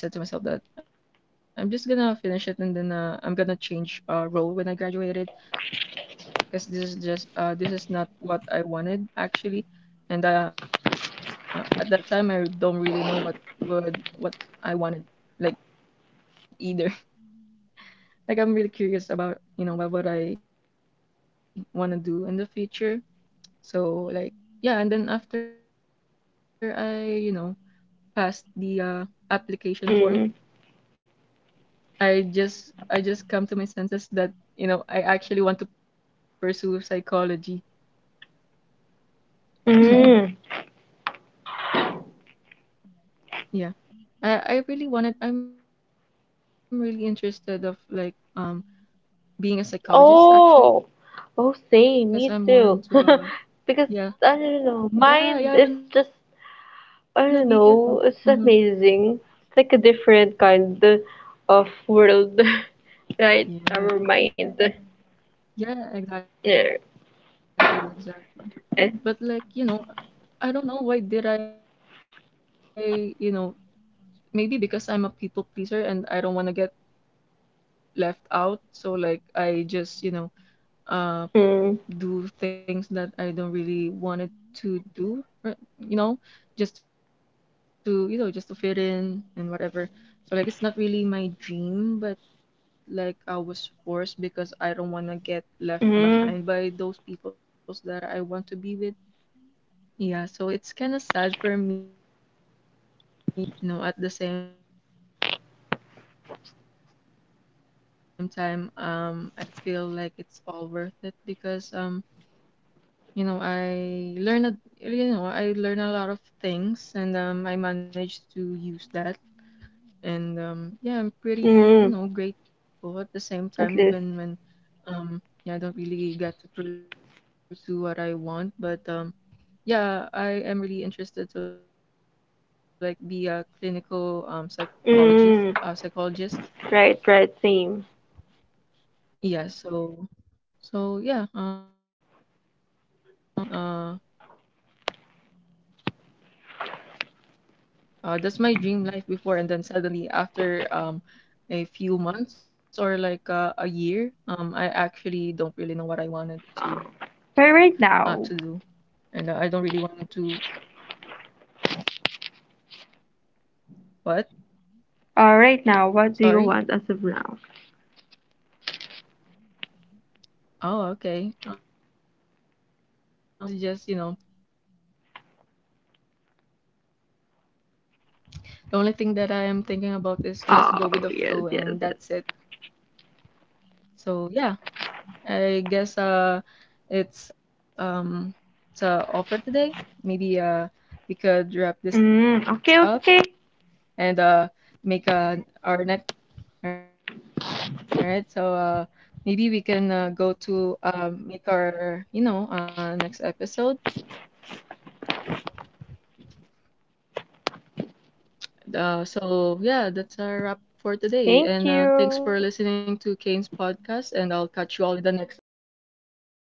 Speaker 1: I said to myself that I'm just gonna finish it and then I'm gonna change role when I graduated, because this is just this is not what I wanted, actually. And at that time I don't really know what would what I wanted, like either. <laughs> Like I'm really curious about you know what I want to do in the future, so like yeah. And then after I you know past the application
Speaker 2: Mm,
Speaker 1: form, I just come to my senses that you know I actually want to pursue psychology.
Speaker 2: mm.
Speaker 1: <clears throat> Yeah. I really wanted, I'm really interested of like being a psychologist,
Speaker 2: Oh,
Speaker 1: actually, because
Speaker 2: oh,
Speaker 1: I'm more
Speaker 2: same,
Speaker 1: into
Speaker 2: me too. <laughs>
Speaker 1: yeah.
Speaker 2: Because, I don't know, mine is
Speaker 1: Yeah, yeah, I
Speaker 2: just,
Speaker 1: wanna be,
Speaker 2: I don't
Speaker 1: mm-hmm.
Speaker 2: know, it's amazing. It's like a different kind of world,
Speaker 1: Yeah.
Speaker 2: <laughs> right? Our mind.
Speaker 1: Yeah, exactly,
Speaker 2: Yeah.
Speaker 1: exactly. But like, you
Speaker 2: Eh.
Speaker 1: know, I don't know why did I, you know, maybe because I'm a people pleaser and I don't want to get left out, so like I just, you know, uh do things that
Speaker 2: Mm,
Speaker 1: I don't really wanted to do, or, you know, just to, you know, just to fit in and whatever. So like it's not really my dream, but like I was forced because I don't want to get left behind by those
Speaker 2: mm,
Speaker 1: peoples that I want to be with. Yeah, so it's kind of sad for me, you know, because like I feel like I've just wasted my time, but you know, at the same time, I feel like it's all worth it because you know, I learned, you know, I learned a lot of things, and I managed to use that, and yeah, I'm pretty, you know, grateful at the
Speaker 2: mm.
Speaker 1: same time, even when
Speaker 2: At least.
Speaker 1: um, yeah, I don't really get to pursue what I want, but Yeah, I am really interested to like be a clinical psychologist,
Speaker 2: Mm,
Speaker 1: psychologist.
Speaker 2: right, right, same.
Speaker 1: Yeah, so so yeah, you know, uh that's all I wanted. Uh, that's my dream life before, and then suddenly after a few months or like a year, I actually don't really know what I wanted to
Speaker 2: But
Speaker 1: do.
Speaker 2: right now,
Speaker 1: And I don't really want to, what? Sorry.
Speaker 2: right now, what do you want as of now?
Speaker 1: Oh, okay. I don't really know, I, and I don't have a plan, actually. And I was just, you know, the only thing that I am thinking about is just go with the flow, and that's it.
Speaker 2: Oh, yes, yes, yes.
Speaker 1: So yeah, I guess it's um, it's a offer today. Maybe we could wrap this up
Speaker 2: Mm, okay,
Speaker 1: and
Speaker 2: okay.
Speaker 1: make our next. All right, so maybe we can go to make our, you know, next episode. So yeah, that's our wrap for today. And thanks for listening to
Speaker 2: Thank
Speaker 1: Kane's
Speaker 2: you.
Speaker 1: podcast. And I'll catch you all in the next episode. So bye.
Speaker 2: Bye.